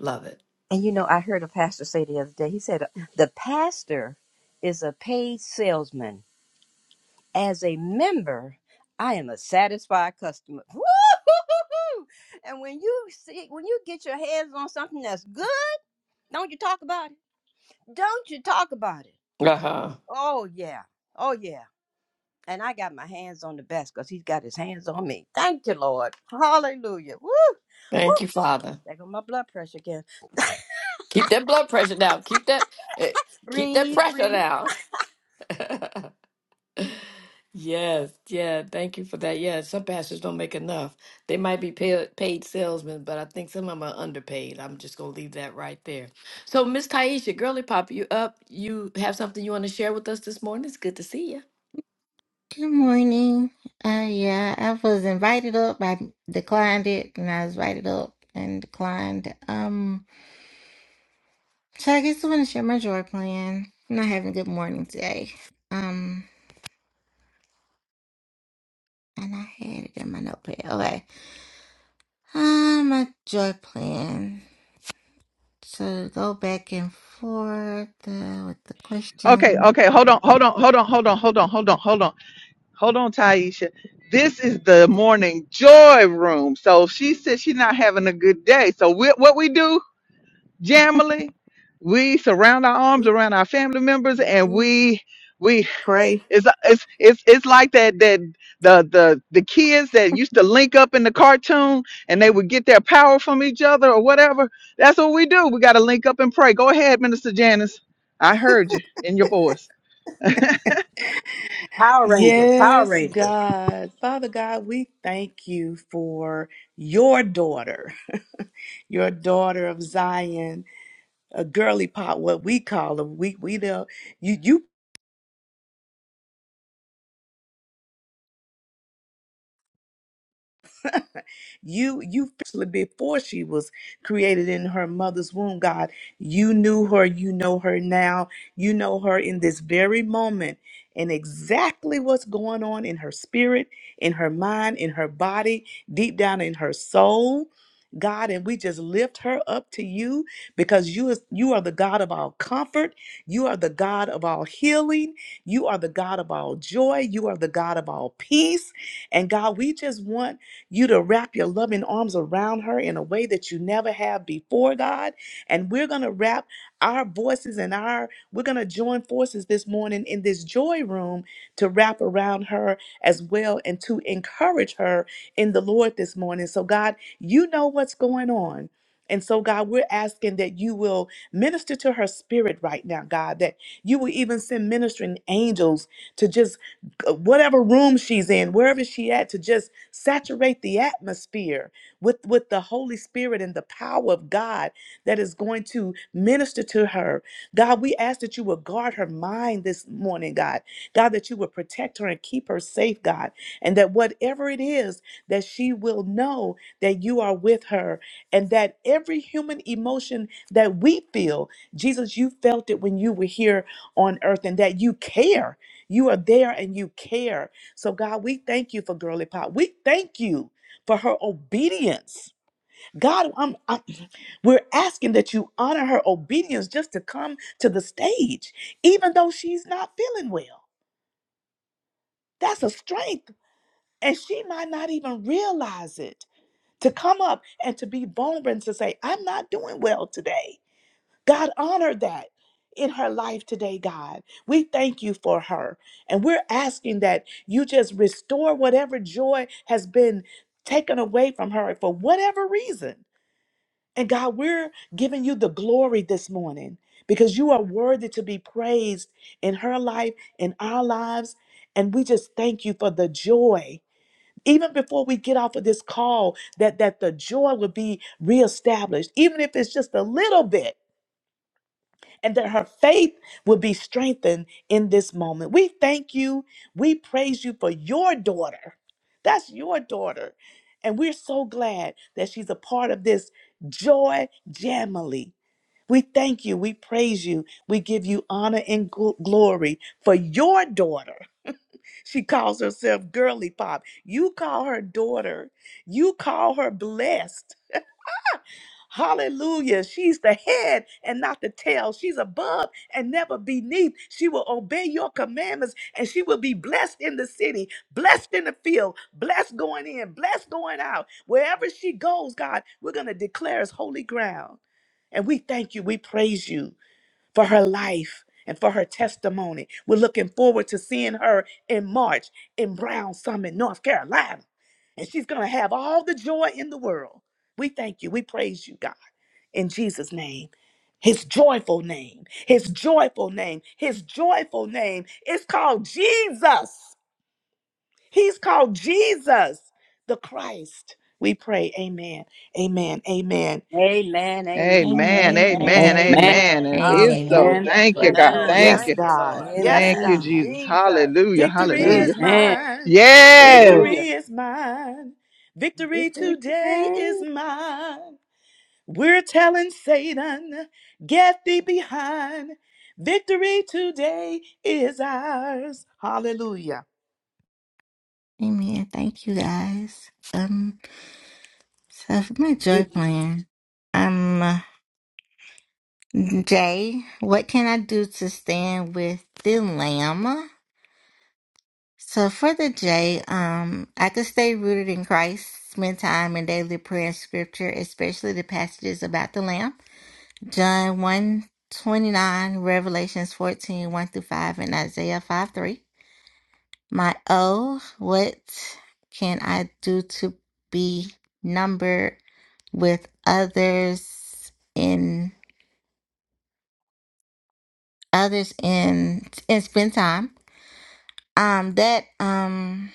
Speaker 4: love it.
Speaker 7: And you know, I heard a pastor say the other day, he said, The pastor is a paid salesman. As a member, I am a satisfied customer. Woo-hoo-hoo-hoo! And when you see, when you get your hands on something that's good, don't you talk about it? Don't you talk about it?
Speaker 4: Uh huh.
Speaker 7: Oh, yeah. Oh, yeah. And I got my hands on the best because he's got his hands on me. Thank you, Lord. Hallelujah. Woo! Woo!
Speaker 4: Thank you, Father.
Speaker 7: There go my blood pressure again.
Speaker 4: Keep that blood pressure down. Keep that, eh, keep that
Speaker 7: breathe,
Speaker 4: pressure
Speaker 7: breathe.
Speaker 4: down. Yes, yeah, thank you for that. Yeah, some pastors don't make enough. They might be paid paid salesmen, but I think some of them are underpaid. I'm just gonna leave that right there. So, Miss Taisha, girly pop, you up? You have something you want to share with us this morning? It's good to see you.
Speaker 8: Good morning. Uh, yeah, I was invited up. I declined it, and I was invited up and declined. Um, so I guess I want to share my joy plan. I'm not having a good morning today. Um, and I had it in my notepad. Okay. Um, my joy plan. So go back and forth uh, with the
Speaker 1: Okay,
Speaker 8: question.
Speaker 1: okay, hold on, hold on, hold on, hold on, hold on, hold on, hold on, hold on, Taisha. This is the morning joy room. So she said she's not having a good day. So we, what we do, Jamily, we surround our arms
Speaker 2: We
Speaker 1: around our family members and
Speaker 2: mhm.
Speaker 1: we we
Speaker 2: pray.
Speaker 1: It's it's it's it's like that that the the the kids that used to link up in the cartoon and they would get their power from each other or whatever. That's what we do. We got to link up and pray. Go ahead, Minister Janice. I heard you in your voice.
Speaker 7: Power Rangers, Power
Speaker 2: Yes,
Speaker 7: Rangers.
Speaker 2: God. Father God, we thank you for your daughter, your daughter of Zion, a girly pot, what we call her. We we the you you You you actually before she was created in her mother's womb, God, you knew her, you know her now, you know her in this very moment and exactly what's going on in her spirit, in her mind, in her body, deep down in her soul. God, and we just lift her up to you because you is you are the God of all comfort. You are the God of all healing. You are the God of all joy. You are the God of all peace. And God, we just want you to wrap your loving arms around her in a way that you never have before, God. And we're going to wrap our voices and our, we're going to join forces this morning in this joy room to wrap around her as well and to encourage her in the Lord this morning. So, God, you know what's going on. And so, God, we're asking that you will minister to her spirit right now, God, that you will even send ministering angels to just uh, whatever room she's in, wherever she at, to just Saturate the atmosphere with, with the Holy Spirit and the power of God that is going to minister to her. God, we ask that you will guard her mind this morning, God. God, that you will protect her and keep her safe, God. And that whatever it is, that she will know that you are with her and that every human emotion that we feel, Jesus, you felt it when you were here on earth and that you care. You are there and you care so, God, we thank you for Girly Pop. We thank you for her obedience. God, I'm, I'm- we're asking that you honor her obedience just to come to the stage, even though she's not feeling well. That's a strength. And she might not even realize it to come up and to be vulnerable and to say, I'm not doing well today. God, honor that in her life today, God. We thank you for her. And we're asking that you just restore whatever joy has been taken away from her for whatever reason. And God, we're giving you the glory this morning because you are worthy to be praised in her life, in our lives. And we just thank you for the joy. Even before we get off of this call, that, that the joy will be reestablished, even if it's just a little bit and that her faith will be strengthened in this moment. We thank you. We praise you for your daughter. That's your daughter. And we're so glad that she's a part of this joy jamily. We thank you. We praise you. We give you honor and gl- glory for your daughter. She calls herself Girly Pop. You call her daughter. You call her blessed. Hallelujah. She's the head and not the tail. She's above and never beneath. She will obey your commandments and she will be blessed in the city, blessed in the field, blessed going in, blessed going out. Wherever she goes, God, we're going to declare as holy ground. And we thank you. We praise you for her life and for her testimony. We're looking forward to seeing her in March in Brown Summit, North Carolina. And she's going to have all the joy in the world. We thank you. We praise you, God in Jesus' name. His joyful name, his joyful name, his joyful name is called Jesus. He's called Jesus the Christ. We pray, Amen, Amen, Amen.
Speaker 7: Amen, amen,
Speaker 1: Amen.
Speaker 8: Amen.
Speaker 7: amen,
Speaker 1: Amen.
Speaker 3: Amen.
Speaker 8: Amen.
Speaker 1: Amen.
Speaker 7: amen.
Speaker 1: And it is
Speaker 8: Amen.
Speaker 1: so.
Speaker 3: Amen.
Speaker 7: Hallelujah.
Speaker 1: Thank you,
Speaker 3: Praise
Speaker 7: Yes,
Speaker 1: God.
Speaker 3: God.
Speaker 7: Lord.
Speaker 1: Thank
Speaker 6: Amen.
Speaker 2: Yes,
Speaker 1: you.
Speaker 7: Thank you,
Speaker 2: God,
Speaker 7: Lord.
Speaker 3: Thank
Speaker 2: yes,
Speaker 3: you.
Speaker 1: Thank you,
Speaker 6: Amen.
Speaker 2: God.
Speaker 1: Jesus.
Speaker 7: Jesus.
Speaker 1: Hallelujah.
Speaker 2: Victory
Speaker 7: Yes,
Speaker 3: Jesus.
Speaker 2: is
Speaker 1: Hallelujah.
Speaker 3: Amen.
Speaker 7: Lord.
Speaker 2: mine,
Speaker 1: Yes.
Speaker 7: Mm.
Speaker 2: victory
Speaker 3: Hallelujah.
Speaker 2: is mine, victory
Speaker 3: Victory
Speaker 2: today
Speaker 3: today.
Speaker 2: is mine. We're telling Satan, get thee behind. Victory today is ours. Hallelujah.
Speaker 8: Amen. Thank you guys. Um, so for my joy plan, um, Jay, what can I do to stand with the lamb? So for the J, um, I could stay rooted in Christ, spend time in daily prayer and scripture, especially the passages about the Lamb. John one 29, Revelations fourteen one through 5, and Isaiah 5 3. My O, what can I do to be numbered with others in others in and spend time? Um that um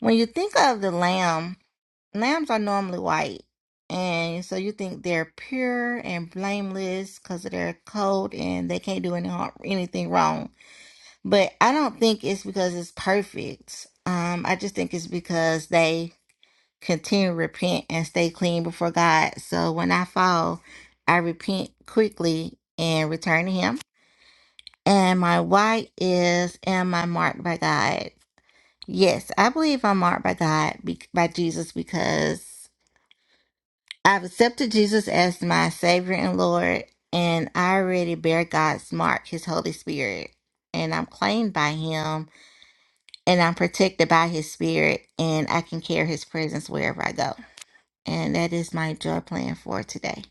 Speaker 8: when you think of the lamb lambs are normally white, and so you think they're pure and blameless because of their coat and they can't do any harm, anything wrong. But I don't think it's because it's perfect. Um, I just think it's because they continue to repent and stay clean before God. So when I fall, I repent quickly and return to Him. And my white is, am I marked by God? Yes, I believe I'm marked by God, be- by Jesus, because I've accepted Jesus as my Savior and Lord, and I already bear God's mark, His Holy Spirit. And I'm claimed by Him, and I'm protected by His Spirit, and I can carry His presence wherever I go. And that is my joy plan for today.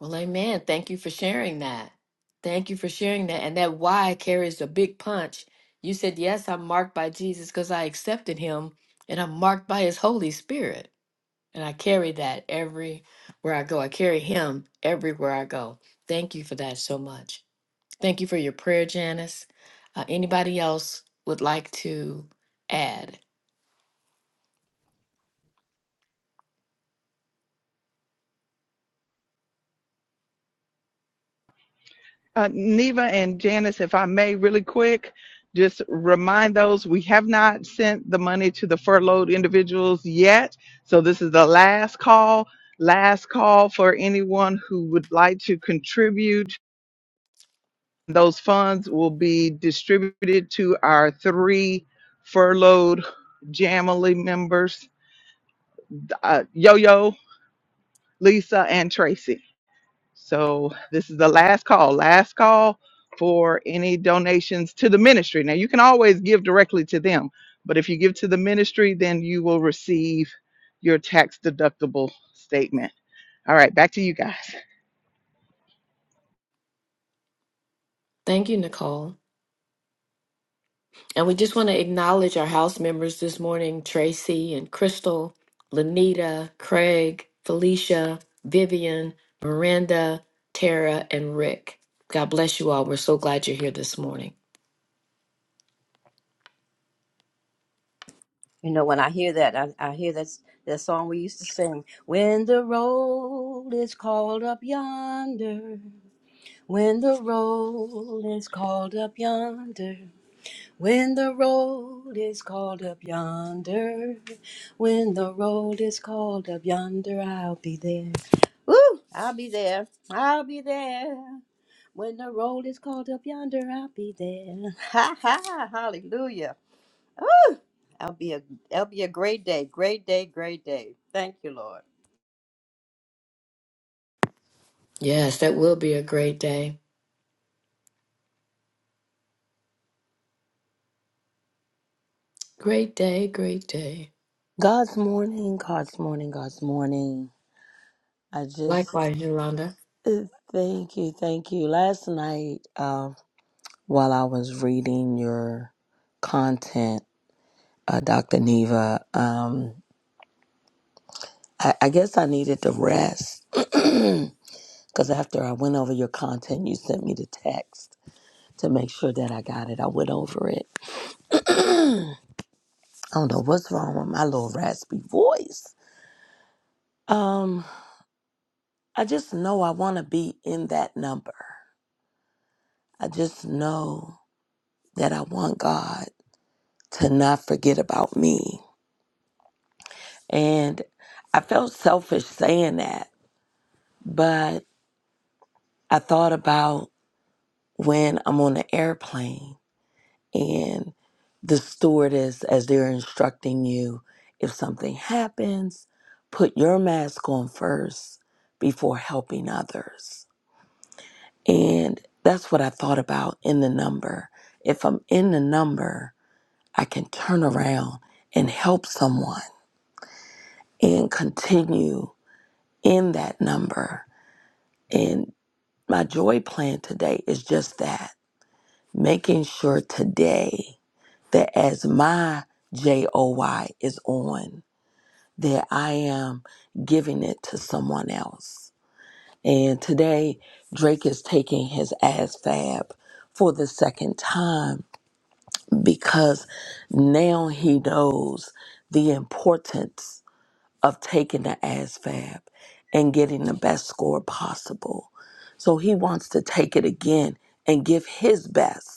Speaker 4: Well, amen. Thank you for sharing that. Thank you for sharing that. And that why carries a big punch. You said, Yes, I'm marked by Jesus because I accepted him and I'm marked by his Holy Spirit. And I carry that everywhere I go. I carry him everywhere I go. Thank you for that so much. Thank you for your prayer, Janice. Uh, anybody else would like to add?
Speaker 1: Uh, Neva and Janice, if I may, really quick, just remind those we have not sent the money to the furloughed individuals yet. So this is the last call, last call for anyone who would like to contribute. Those funds will be distributed to our three furloughed Jamily members, uh, Yo-Yo, Lisa, and Tracy. So this is the last call, last call for any donations to the ministry. Now you can always give directly to them, but if you give to the ministry, then you will receive your tax deductible statement. All right, back to you guys.
Speaker 4: Thank you, Nicole. And we just want to acknowledge our house members this morning Tracy and Crystal, Lanita, Craig, Felicia, Vivian, Miranda, Tara, and Rick. God bless you all. We're so glad you're here this morning.
Speaker 7: You know, when I hear that, I, I hear that that song we used to sing. When the road is called up yonder. When the roll is called up yonder, when the roll is called up yonder, when the roll is called up yonder, I'll be there. Woo! I'll be there. I'll be there. When the roll is called up yonder, I'll be there. Ha ha! Hallelujah! I'll be a it'll be a great day, great day, great day. Thank you, Lord.
Speaker 4: Yes, that will be a great day. Great day, great day.
Speaker 6: God's morning, God's morning, God's morning. I just
Speaker 4: Likewise, Yolanda.
Speaker 6: uh, thank you, thank you. Last night, uh, while I was reading your content, uh, Dr. Neva, um, I, I guess I needed to rest because after I went over your content, you sent me the text to make sure that I got it. I went over it. I don't know what's wrong with my little raspy voice. Um, I just know I want to be in that number. I just know that I want God to not forget about me. And I felt selfish saying that, but I thought about when I'm on the airplane and the stewardess as they're instructing you if something happens put your mask on first before helping others and that's what i thought about in the number if i'm in the number i can turn around and help someone and continue in that number and my joy plan today is just that making sure today that as my JOY is on, that I am giving it to someone else. And today, Drake is taking his ass for the second time because now he knows the importance of taking the ass and getting the best score possible. So he wants to take it again and give his best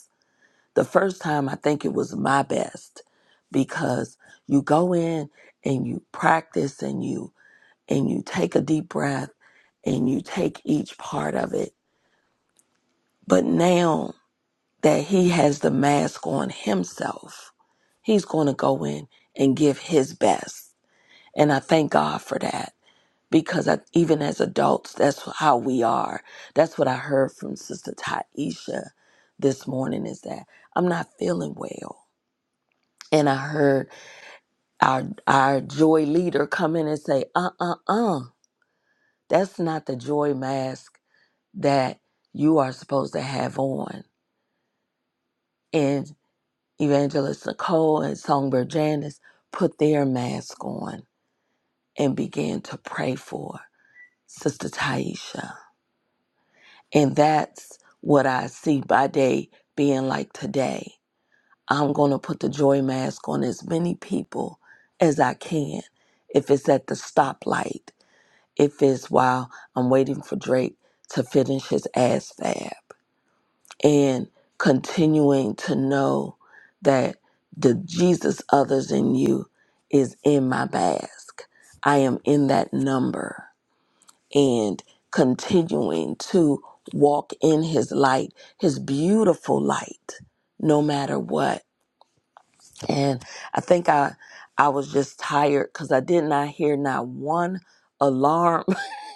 Speaker 6: the first time I think it was my best because you go in and you practice and you and you take a deep breath and you take each part of it. But now that he has the mask on himself, he's going to go in and give his best. And I thank God for that because I, even as adults, that's how we are. That's what I heard from Sister Taisha this morning is that I'm not feeling well. And I heard our our joy leader come in and say, "Uh, uh, uh, that's not the joy mask that you are supposed to have on." And Evangelist Nicole and Songbird Janice put their mask on and began to pray for Sister Taisha, and that's what I see by day being like today. I'm gonna put the joy mask on as many people as I can. If it's at the stoplight If it's while I'm waiting for Drake to finish his ass fab and continuing to know that the Jesus others in you is in my mask. I am in that number and continuing to walk in his light, his beautiful light, no matter what. And I think I I was just tired because I did not hear not one alarm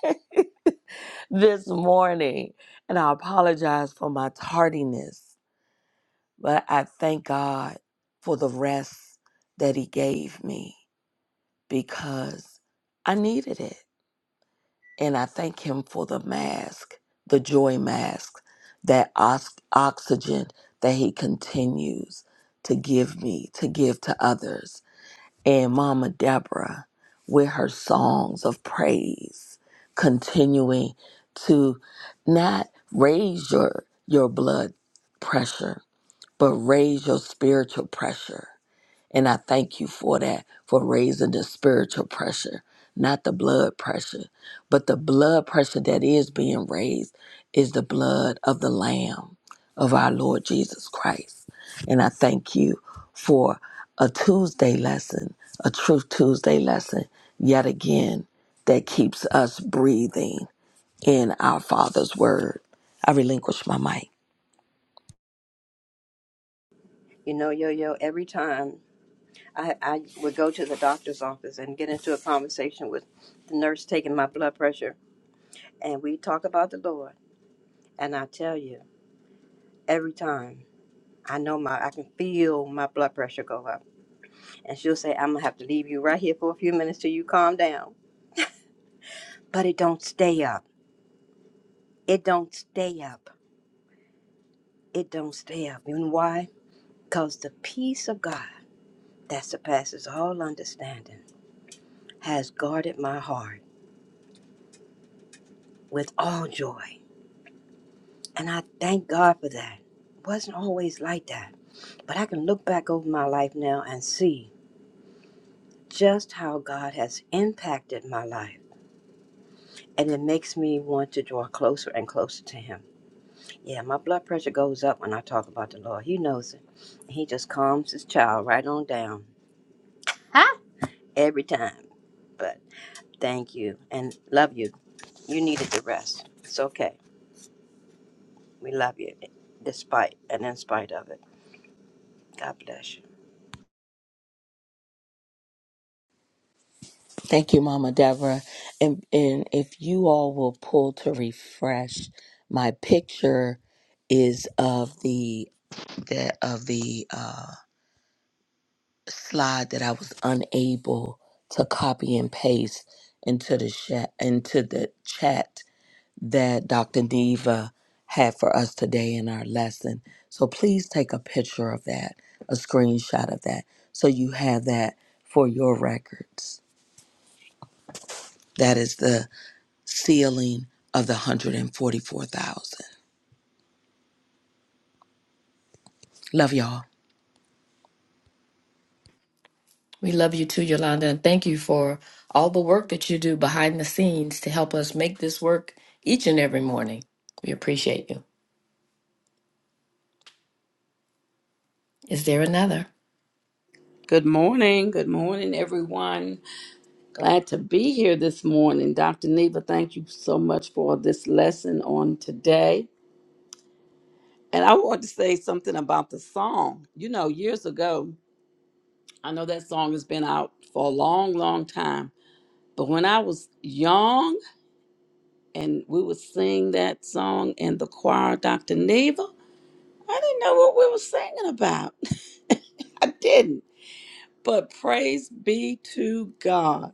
Speaker 6: this morning. And I apologize for my tardiness, but I thank God for the rest that He gave me because I needed it. And I thank Him for the mask, the joy mask, that ox- oxygen that He continues to give me, to give to others and Mama Deborah with her songs of praise, continuing to not raise your your blood pressure, but raise your spiritual pressure and I thank you for that, for raising the spiritual pressure, not the blood pressure. But the blood pressure that is being raised is the blood of the Lamb of our Lord Jesus Christ. And I thank you for a Tuesday lesson, a Truth Tuesday lesson, yet again, that keeps us breathing in our Father's Word. I relinquish my mic.
Speaker 7: You know, yo yo, every time. I, I would go to the doctor's office and get into a conversation with the nurse taking my blood pressure, and we talk about the Lord. And I tell you, every time I know my, I can feel my blood pressure go up, and she'll say, "I'm gonna have to leave you right here for a few minutes till you calm down." But it don't stay up. It don't stay up. It don't stay up. You know why? Cause the peace of God that surpasses all understanding has guarded my heart with all joy And I thank God for that. It Wasn't always like that. But I can look back over my life now and see just how God has impacted my life. And it makes me want to draw closer and closer to Him. Yeah, my blood pressure goes up when I talk about the Lord. He knows it. He just calms His child right on down every time. But thank you and love you. You needed the rest. It's okay. We love you despite and in spite of it. God bless you.
Speaker 6: Thank you, Mama Deborah. And and if you all will pull to refresh, my picture is of the the of the uh, slide that I was unable to copy and paste into the chat into the chat that Dr. Neva had for us today in our lesson. So please take a picture of that, a screenshot of that, so you have that for your records. That is the sealing of the 144,000. Love y'all.
Speaker 4: We love you too, Yolanda, and thank you for all the work that you do behind the scenes to help us make this work each and every morning. We appreciate you. Is there another?
Speaker 3: Good morning. Good morning, everyone. Glad to be here this morning. Dr. Neva, thank you so much for this lesson on today. And I want to say something about the song. You know, years ago, I know that song has been out for a long, long time. But when I was young and we would sing that song in the choir, Dr. Neva. I didn't know what we were singing about. I didn't. But praise be to God.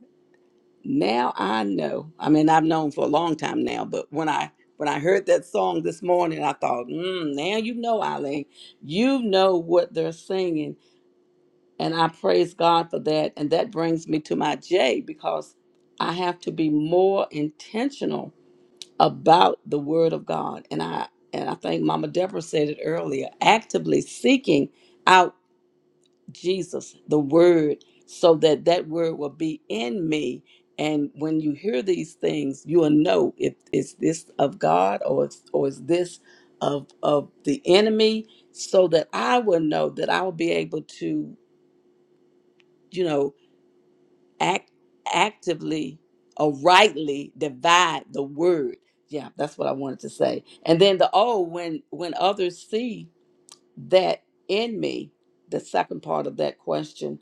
Speaker 3: Now I know. I mean, I've known for a long time now, but when I when I heard that song this morning, I thought, mm, now you know, Eileen, you know what they're singing. And I praise God for that. And that brings me to my J because I have to be more intentional about the word of God. And I and I think Mama Deborah said it earlier, actively seeking out Jesus, the word, so that that word will be in me. And when you hear these things, you will know if is this of God or it's, or is this of of the enemy, so that I will know that I will be able to, you know, act actively or rightly divide the word. Yeah, that's what I wanted to say. And then the oh, when when others see that in me, the second part of that question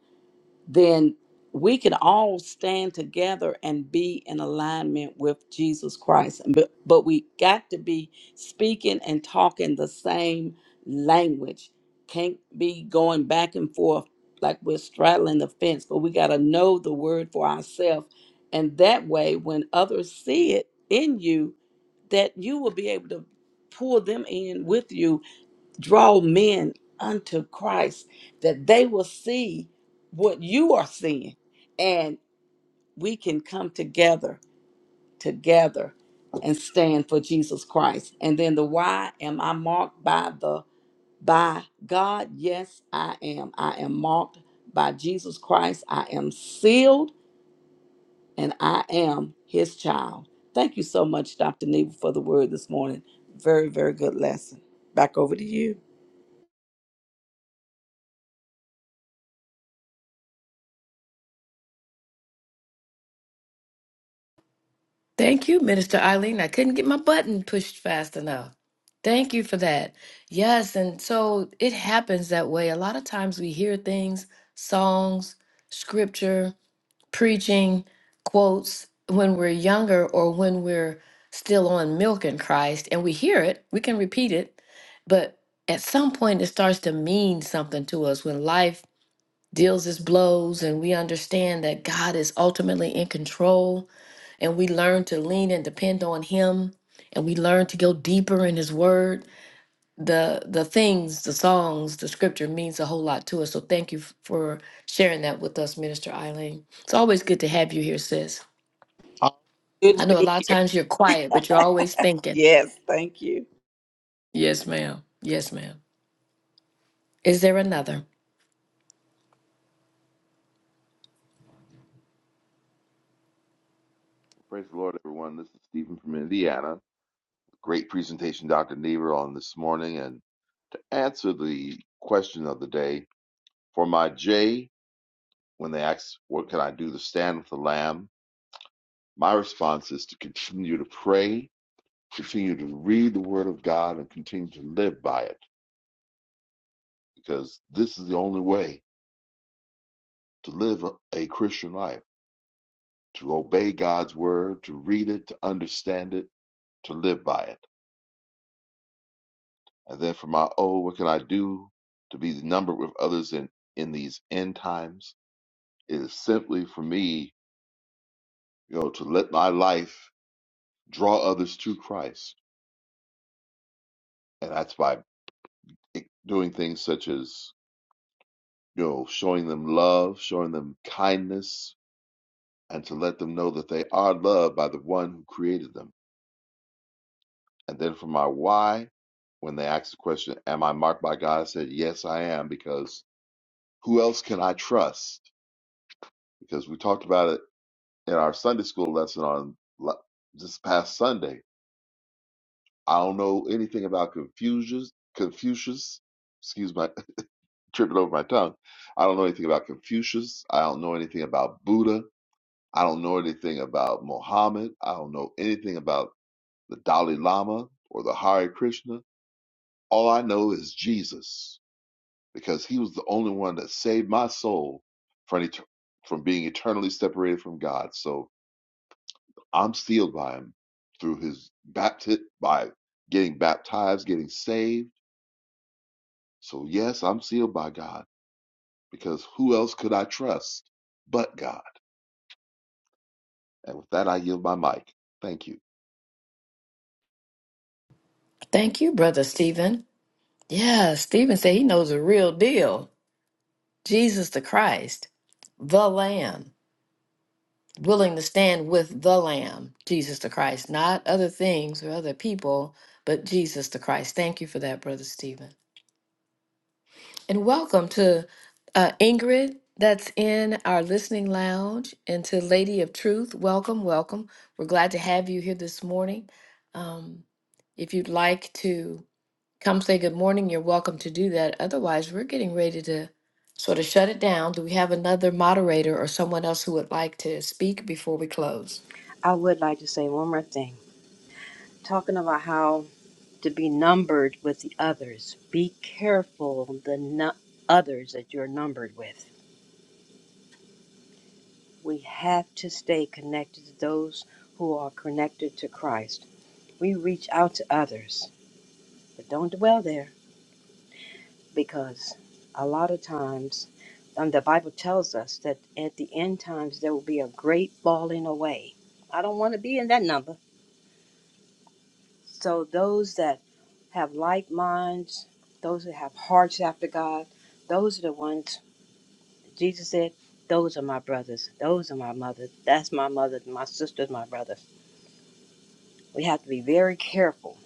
Speaker 3: then we can all stand together and be in alignment with Jesus Christ. And But, but we got to be speaking and talking the same language. Can't be going back and forth like we're straddling the fence, but we got to know the word for ourselves. And that way, when others see it in you, that you will be able to pull them in with you draw men unto Christ, that they will see what you are seeing, and we can come together, together, and stand for Jesus Christ. And then the why am I marked by the by God? Yes, I am. I am marked by Jesus Christ. I am sealed, and I am His child. Thank you so much, Dr. Neva, for the word this morning. Very, very good lesson. Back over to you.
Speaker 4: Thank you, Minister Eileen. I couldn't get my button pushed fast enough. Thank you for that. Yes, and so it happens that way. A lot of times we hear things, songs, scripture, preaching quotes when we're younger or when we're still on milk in Christ and we hear it, we can repeat it, but at some point it starts to mean something to us when life deals its blows and we understand that God is ultimately in control and we learn to lean and depend on him and we learn to go deeper in his word the the things, the songs, the scripture means a whole lot to us. So thank you f- for sharing that with us, Minister Eileen. It's always good to have you here, sis.
Speaker 3: Good
Speaker 4: I
Speaker 3: to be
Speaker 4: know a
Speaker 3: here.
Speaker 4: lot of times you're quiet, but you're always thinking.
Speaker 3: Yes, thank you.
Speaker 4: Yes, ma'am. Yes, ma'am. Is there another?
Speaker 9: Praise the Lord, everyone. This is Stephen from Indiana. Great presentation, Dr. Niebuhr, on this morning. And to answer the question of the day, for my J, when they ask, What can I do to stand with the Lamb? My response is to continue to pray, continue to read the Word of God, and continue to live by it, because this is the only way to live a a Christian life, to obey God's Word, to read it, to understand it, to live by it. And then for my O, what can I do to be numbered with others in, in these end times? It is simply for me, you know, to let my life draw others to Christ. And that's by it- doing things such as, you know, showing them love, showing them kindness, and to let them know that they are loved by the one who created them. And then for my why, when they asked the question, Am I marked by God? I said, Yes, I am, because who else can I trust? Because we talked about it in our Sunday school lesson on la- this past Sunday. I don't know anything about Confucius. Confucius, excuse my tripping over my tongue. I don't know anything about Confucius. I don't know anything about Buddha. I don't know anything about Mohammed. I don't know anything about the Dalai Lama or the Hare Krishna. All I know is Jesus because he was the only one that saved my soul from, et- from being eternally separated from God. So I'm sealed by him through his baptism, by getting baptized, getting saved. So, yes, I'm sealed by God because who else could I trust but God? And with that, I yield my mic. Thank you.
Speaker 4: Thank you, brother Stephen. Yeah, Stephen said he knows the real deal. Jesus the Christ, the Lamb, willing to stand with the Lamb, Jesus the Christ, not other things or other people, but Jesus the Christ. Thank you for that, brother Stephen. And welcome to uh, Ingrid, that's in our listening lounge, and to Lady of Truth. Welcome, welcome. We're glad to have you here this morning. Um, if you'd like to come say good morning, you're welcome to do that. Otherwise, we're getting ready to sort of shut it down. Do we have another moderator or someone else who would like to speak before we close?
Speaker 7: I would like to say one more thing. talking about how to be numbered with the others. Be careful the nu- others that you're numbered with. We have to stay connected to those who are connected to Christ. We reach out to others, but don't dwell there because a lot of times um, the Bible tells us that at the end times there will be a great falling away. I don't want to be in that number. So those that have like minds, those that have hearts after God, those are the ones Jesus said, those are my brothers, those are my mothers, that's my mother, my sister's my brother. We have to be very careful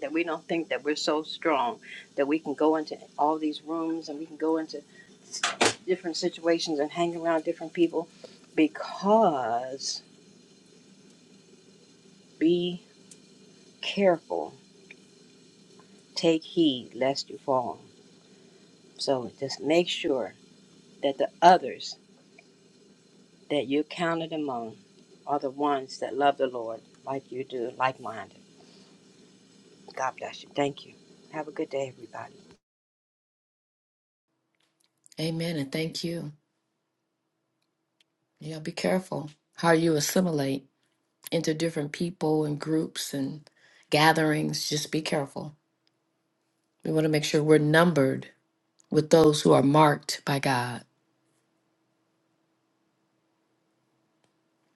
Speaker 7: that we don't think that we're so strong that we can go into all these rooms and we can go into different situations and hang around different people because be careful, take heed lest you fall. So just make sure that the others that you counted among are the ones that love the Lord like you do, like minded. God bless you. Thank you. Have a good day, everybody.
Speaker 4: Amen, and thank you. Yeah, be careful how you assimilate into different people and groups and gatherings. Just be careful. We want to make sure we're numbered with those who are marked by God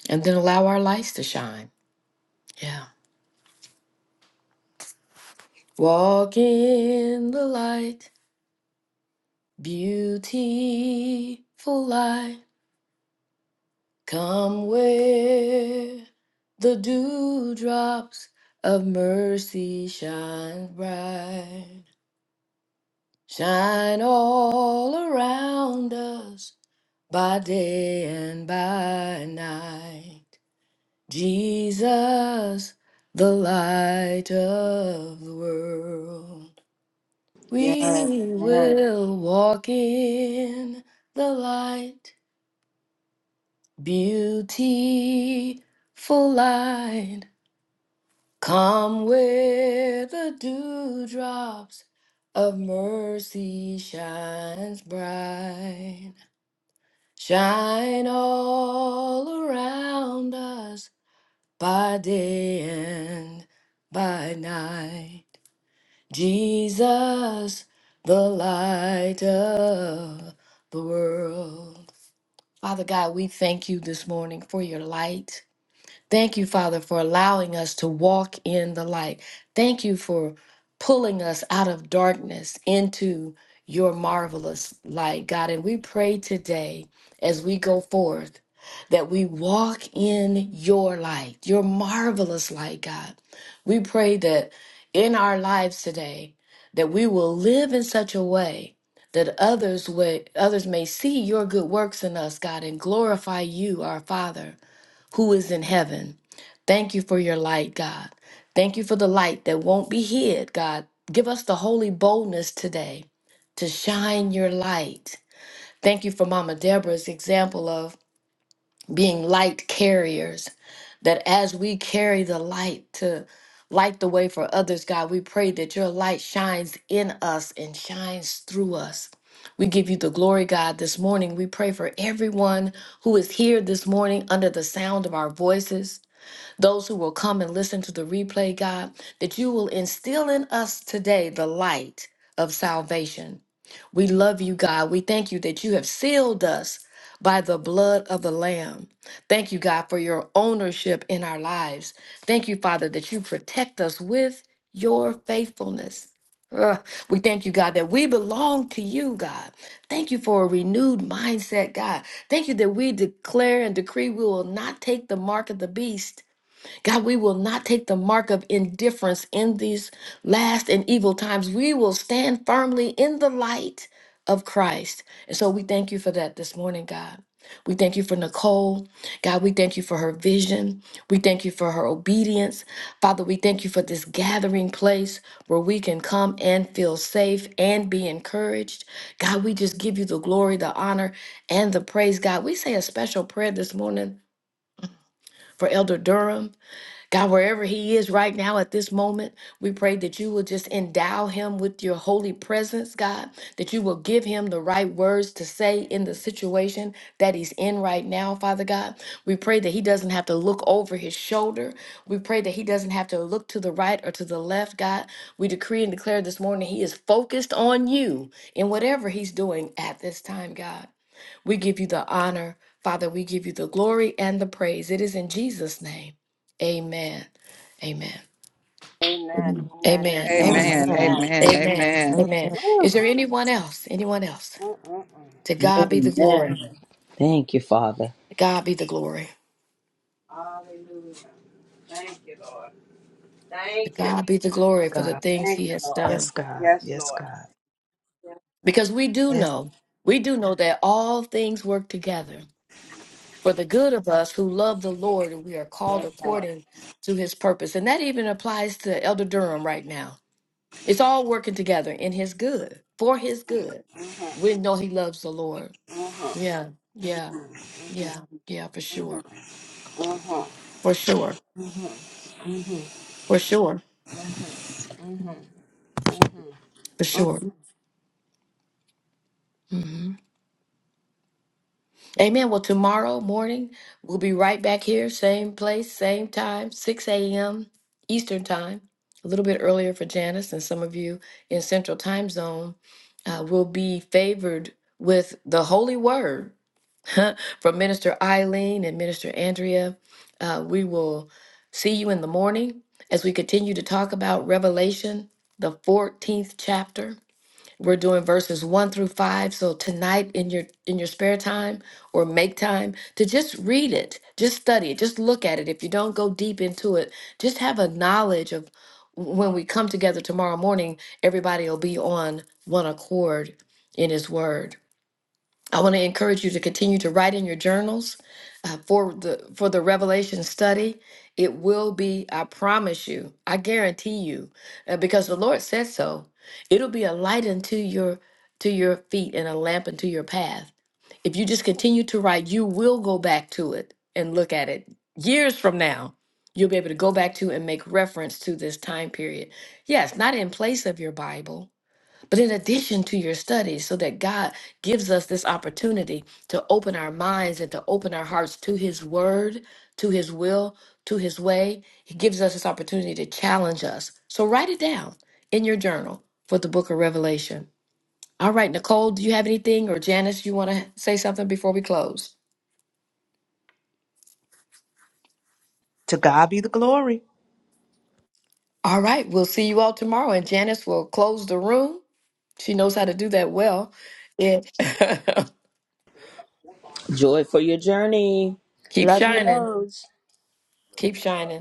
Speaker 4: and then allow our lights to shine. Yeah. Walk in the light, beautiful light. Come where the dewdrops of mercy shine bright. Shine all around us by day and by night. Jesus, the light of the world.
Speaker 7: Yes. yes.
Speaker 4: We
Speaker 7: Amen.
Speaker 4: will walk in the light, beautiful light. Come where the dewdrops of mercy shines bright. Shine all around us by day and by night. Jesus, the light of the world. Father God, we thank you this morning for your light. Thank you, Father, for allowing us to walk in the light. Thank you for pulling us out of darkness into your marvelous light, God. And we pray today as we go forth that we walk in your light, your marvelous light, God. We pray that in our lives today that we will live in such a way that others would others may see your good works in us, God, and glorify you, our Father who is in heaven. Thank you for your light, God. Thank you for the light that won't be hid, God. Give us the holy boldness today to shine your light. Thank you for Mama Deborah's example of being light carriers, that as we carry the light to light the way for others, God, we pray that your light shines in us and shines through us. We give you the glory, God, this morning. We pray for everyone who is here this morning under the sound of our voices those who will come and listen to the replay, God, that you will instill in us today the light of salvation. We love you, God. We thank you that you have sealed us by the blood of the Lamb. Thank you, God, for your ownership in our lives. Thank you, Father, that you protect us with your faithfulness. Ugh. we thank you, God, that we belong to you, God. Thank you for a renewed mindset, God. Thank you that we declare and decree we will not take the mark of the beast God, we will not take the mark of indifference in these last and evil times. We will stand firmly in the light of Christ. And so we thank you for that this morning, God. We thank you for Nicole. God, we thank you for her vision. We thank you for her obedience. Father, we thank you for this gathering place where we can come and feel safe and be encouraged. God, we just give you the glory, the honor, and the praise, God. We say a special prayer this morning for Elder Durham. God, wherever he is right now at this moment, we pray that you will just endow him with your holy presence, God, that you will give him the right words to say in the situation that he's in right now, Father God. We pray that he doesn't have to look over his shoulder. We pray that he doesn't have to look to the right or to the left, God. We decree and declare this morning he is focused on you in whatever he's doing at this time, God. We give you the honor, Father. We give you the glory and the praise. It is in Jesus' name. Amen. Amen.
Speaker 7: Amen.
Speaker 4: Amen.
Speaker 7: Amen.
Speaker 4: Amen. Amen.
Speaker 1: Amen.
Speaker 2: Amen.
Speaker 7: Amen.
Speaker 1: Amen.
Speaker 4: Amen.
Speaker 1: Amen.
Speaker 4: Amen.
Speaker 2: Amen,
Speaker 4: Is
Speaker 7: Woo.
Speaker 4: there anyone else? Anyone else?
Speaker 7: Mm-mm-mm.
Speaker 4: To God be the glory.
Speaker 6: Amen. Thank you, Father.
Speaker 4: To God be the glory.
Speaker 7: Hallelujah. Thank you, Lord.
Speaker 4: To
Speaker 7: Thank you.
Speaker 4: God be the glory for the
Speaker 2: God.
Speaker 4: things
Speaker 7: Thank
Speaker 4: he
Speaker 7: you,
Speaker 4: has
Speaker 7: Lord.
Speaker 2: Yes,
Speaker 4: done.
Speaker 2: God.
Speaker 7: Yes,
Speaker 2: Yes,
Speaker 7: Lord.
Speaker 2: God.
Speaker 7: Yes,
Speaker 4: Because we do
Speaker 2: Yes.
Speaker 4: know, we do know that all things work together for the good of us who love the Lord and we are called
Speaker 7: yes, Lord.
Speaker 4: according to his purpose. And that even applies to Elder Durham right now. It's all working together in his good, for his good.
Speaker 7: Mm-hmm.
Speaker 4: We know he loves the Lord.
Speaker 7: Mm-hmm.
Speaker 4: Yeah, yeah,
Speaker 7: Mm-hmm.
Speaker 4: yeah, yeah, for
Speaker 7: Mm-hmm.
Speaker 4: sure.
Speaker 7: Mm-hmm. Mm-hmm.
Speaker 4: For sure. For sure.
Speaker 7: Mm-hmm. Mm-hmm.
Speaker 4: For sure. hmm Amen. Well, tomorrow morning, we'll be right back here, same place, same time, 6 a.m. Eastern Time, a little bit earlier for Janice and some of you in Central Time Zone. Uh, will be favored with the Holy Word from Minister Eileen and Minister Andrea. Uh, we will see you in the morning as we continue to talk about Revelation, the 14th chapter. We're doing verses one through five. So tonight in your in your spare time or make time to just read it, just study it, just look at it. If you don't go deep into it, just have a knowledge of when we come together tomorrow morning, everybody will be on one accord in his word. I want to encourage you to continue to write in your journals uh, for the for the Revelation study. It will be, I promise you, I guarantee you, uh, because the Lord said so. It'll be a light unto your to your feet and a lamp unto your path. If you just continue to write, you will go back to it and look at it years from now. You'll be able to go back to and make reference to this time period. Yes, not in place of your Bible, but in addition to your studies, so that God gives us this opportunity to open our minds and to open our hearts to His Word, to His will, to His way, He gives us this opportunity to challenge us. So write it down in your journal for the book of Revelation. All right, Nicole, do you have anything? Or Janice, you want to say something before we close?
Speaker 2: To God be the glory.
Speaker 4: All right, we'll see you all tomorrow, and Janice will close the room. She knows how to do that well. Yeah.
Speaker 6: Joy for your journey.
Speaker 4: Keep
Speaker 7: Love you,
Speaker 4: shining.
Speaker 7: loads.
Speaker 4: Keep shining.